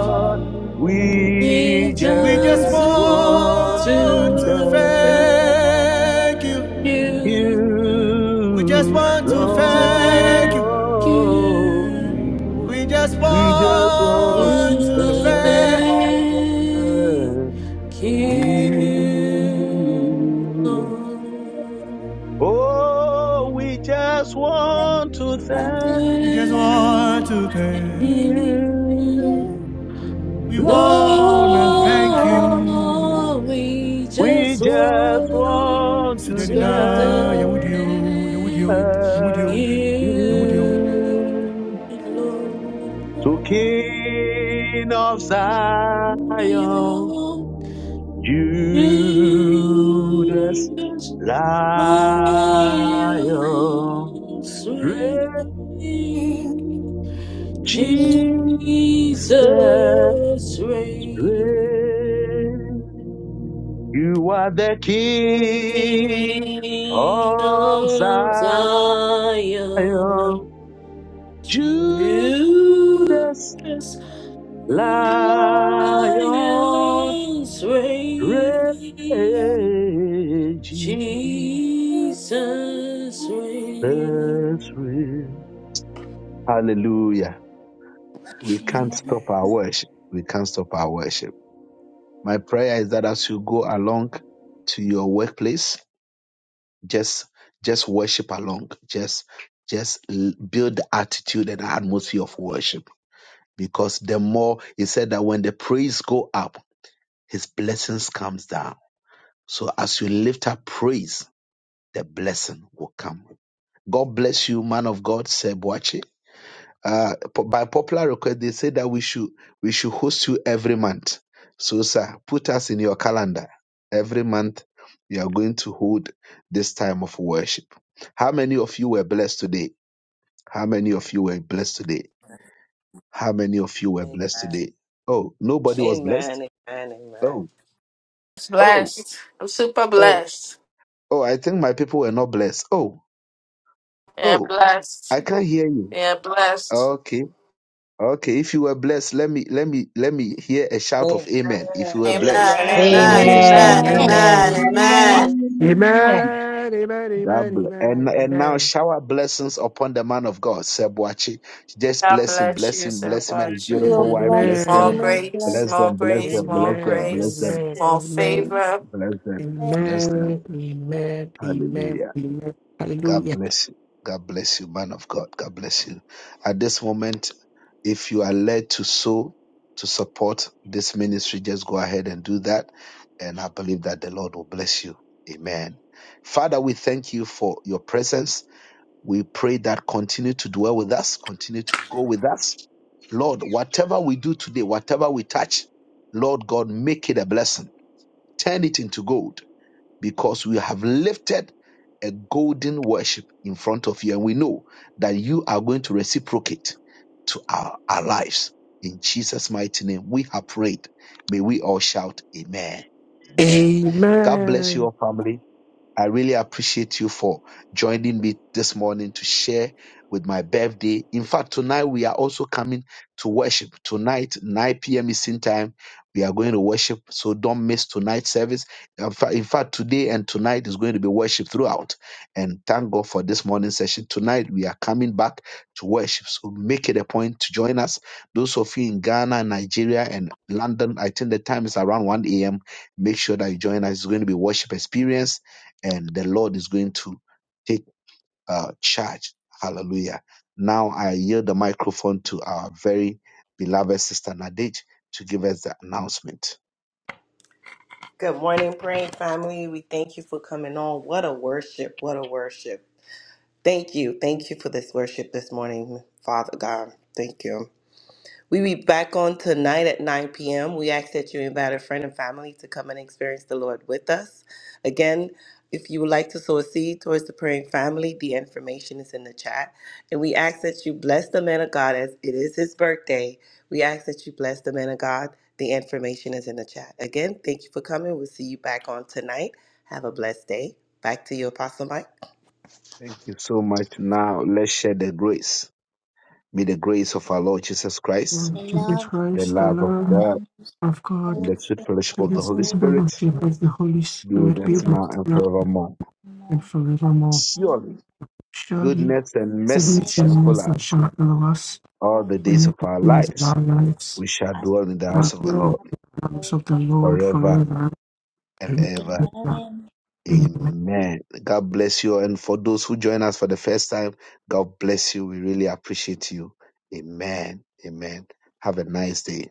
S2: Lord.
S1: we
S4: We
S2: We just
S4: just
S1: just
S4: want
S1: want to
S2: want to
S4: to thank
S1: thank
S2: thank you.
S4: you.
S2: We just
S1: you,
S2: want to
S4: Want to
S2: thank you.
S4: thank
S1: Lord.
S4: you.
S1: We
S2: We just
S1: we just want
S2: want
S1: to
S2: to
S4: We
S2: thank.
S4: thank
S1: thank
S4: Give,
S1: you.
S4: Lord,
S1: Oh, we just want to
S4: to
S1: thank
S2: We just want
S4: you.
S2: to thank you.
S1: you,
S2: We wanna thank
S1: Lord.
S4: Lord,
S2: you.
S4: we
S1: We
S4: just
S1: just want
S4: want
S1: to
S4: to
S2: Sidanina, Yahudio, Yahudio,
S4: thank
S2: Yahudio,
S1: thank
S2: Yahudio.
S4: you,
S1: you.
S4: Lord.
S1: So King of Zion, Judas
S4: You I'll
S1: Lion,
S5: you.
S4: swing.
S1: reign,
S5: Amen. Remember
S1: Jesus,
S4: Jesus reign.
S1: reign. You are the King
S4: Queen
S1: of
S4: of
S1: Zion.
S4: Zion,
S1: Judas
S4: Judas,
S1: lion
S4: Lion's reign,
S1: raging.
S4: Jesus
S1: That's
S4: reign.
S1: real. Hallelujah. We can't stop
S2: Amen.
S1: our worship. We can't stop our worship. My prayer is that as you go along to your workplace, just just worship along. Just just l- build the attitude and atmosphere of worship. Because the more he said that when the praise go up, his blessings comes down So as you lift up praise, the blessing will come. God bless you, man of God, Sebuachi. Uh, po- by popular request, they say that we should we should host you every month. So, sir, put us in your calendar. Every month, you are going to hold this time of worship. How many of you were blessed today? How many of you were blessed today? How many of you were
S7: Amen.
S1: blessed today? Oh, nobody was blessed.
S7: Amen. Amen. Amen.
S1: Oh, oh,
S4: Yep.
S1: oh, oh! I think my people were not blessed. Oh, oh! I can't hear you.
S4: Yep.
S1: Okay, okay. If you were blessed, let me let me let me hear a shout of
S7: Amen.
S1: amen. If you
S4: Amen.
S1: were
S4: Amen.
S1: blessed,
S7: Amen.
S1: let me hear a
S8: Amen.
S1: shout of
S9: Amen.
S4: Amen.
S1: amen.
S4: Amen.
S9: Amen.
S8: Amen.
S4: Amen.
S10: Amen.
S11: Amen.
S2: Amen, amen, amen,
S1: God bless. And
S2: amen,
S1: and now
S2: amen,
S1: shower blessings upon the man of God, Sebuachi. Just
S4: God
S1: bless him,
S4: bless
S1: bless
S4: you,
S1: him,
S4: sir.
S1: bless
S11: God
S1: him and his
S11: bless
S4: Watch
S11: you,
S8: You
S4: you.
S8: are
S1: beautiful
S11: man
S1: wife.
S11: of
S1: Bless
S8: blessed.
S11: God.
S4: More
S1: them,
S8: Remain
S2: amen,
S4: grace,
S8: blessed.
S1: bless
S4: more
S1: them,
S2: amen,
S1: bless
S4: grace,
S1: them,
S11: Thank you
S4: more
S1: bless them,
S2: amen,
S11: for the
S1: bless
S4: grace,
S1: them,
S2: amen,
S11: worship.
S4: more favor.
S1: bless them, bless them.
S2: amen, amen, amen,
S1: Hallelujah.
S2: amen,
S1: God
S2: hallelujah,
S1: bless you. God bless you, man of God. God bless you. At this moment. If you are led to sow to support this ministry, just go ahead and do that. And I believe that the Lord will bless you. Amen. Father, we thank you for your presence. We pray that continue to dwell with us, continue to go with us. Lord, whatever we do today, whatever we touch, Lord God, make it a blessing. Turn it into gold because we have lifted a golden worship in front of you. And we know that you are going to reciprocate to our, our lives. In Jesus' mighty name, we have prayed. May we all shout, Amen. Amen. God bless
S2: amen,
S1: you all, family. I really appreciate you for joining me this morning to share with my birthday. In fact, tonight we are also coming to worship. Tonight, 9 p.m. Eastern time, we are going to worship. So don't miss tonight's service. In fact, in fact, today and tonight is going to be worship throughout. And thank God for this morning session. Tonight we are coming back to worship. So make it a point to join us. Those of you in Ghana, Nigeria, and London, I think the time is around 1 a.m. Make sure that you join us. It's going to be worship experience and the Lord is going to take uh, charge. Hallelujah. Now I yield the microphone to our very beloved sister Nadej to give us the announcement.
S7: Good morning, praying family. We thank you for coming on. What a worship. What a worship. Thank you. Thank you for this worship this morning, Father God. Thank you. We be back on tonight at 9 p.m. We ask that you invite a friend and family to come and experience the Lord with us. Again, if you would like to sow a seed towards the praying family, the information is in the chat. And we ask that you bless the man of God as it is his birthday. We ask that you bless the man of God. The information is in the chat. Again, thank you for coming. We'll see you back on tonight. Have a blessed day. Back to you, Apostle Mike.
S1: Thank you so much. Now let's share the grace. May the grace of our Lord Jesus Christ,
S5: the
S2: Lord Jesus
S5: love of
S1: The
S2: Christ, the
S5: God
S1: love of
S2: Lamb
S1: God.
S5: and His
S2: of God,
S1: and the sweet
S5: fellowship of
S1: fellowship
S2: let
S1: of
S5: the
S1: the
S2: us
S1: Holy
S2: take
S5: Holy
S1: Spirit
S2: fellowship
S5: Spirit,
S2: of the Holy
S1: be with
S2: Spirit be
S1: us
S2: with
S1: now
S5: leaders
S2: us
S1: and
S2: now
S5: now
S1: forevermore.
S5: and
S2: and
S5: more
S2: forevermore.
S1: Surely
S5: and
S2: Surely,
S1: goodness and
S5: goodness and
S1: mercy
S2: goodness and
S5: mercy
S1: shall follow
S2: mercy
S1: us
S2: shall
S5: for
S2: follow us
S1: all
S5: all
S1: the
S5: the
S2: in
S1: days of
S2: the
S1: our
S5: of
S2: days of our
S1: lives.
S2: lives.
S1: We shall
S5: us.
S1: dwell in the
S2: Shall
S1: house of the
S2: dwell in
S1: Lord
S2: the house
S5: Lord.
S2: of the Lord
S1: forever
S2: forever
S1: and
S2: and
S1: ever.
S2: ever.
S5: Amen.
S2: Amen.
S1: Amen. God bless you. And for those who join us for the first time, God bless you. We really appreciate you. Amen. Amen. Have a nice day.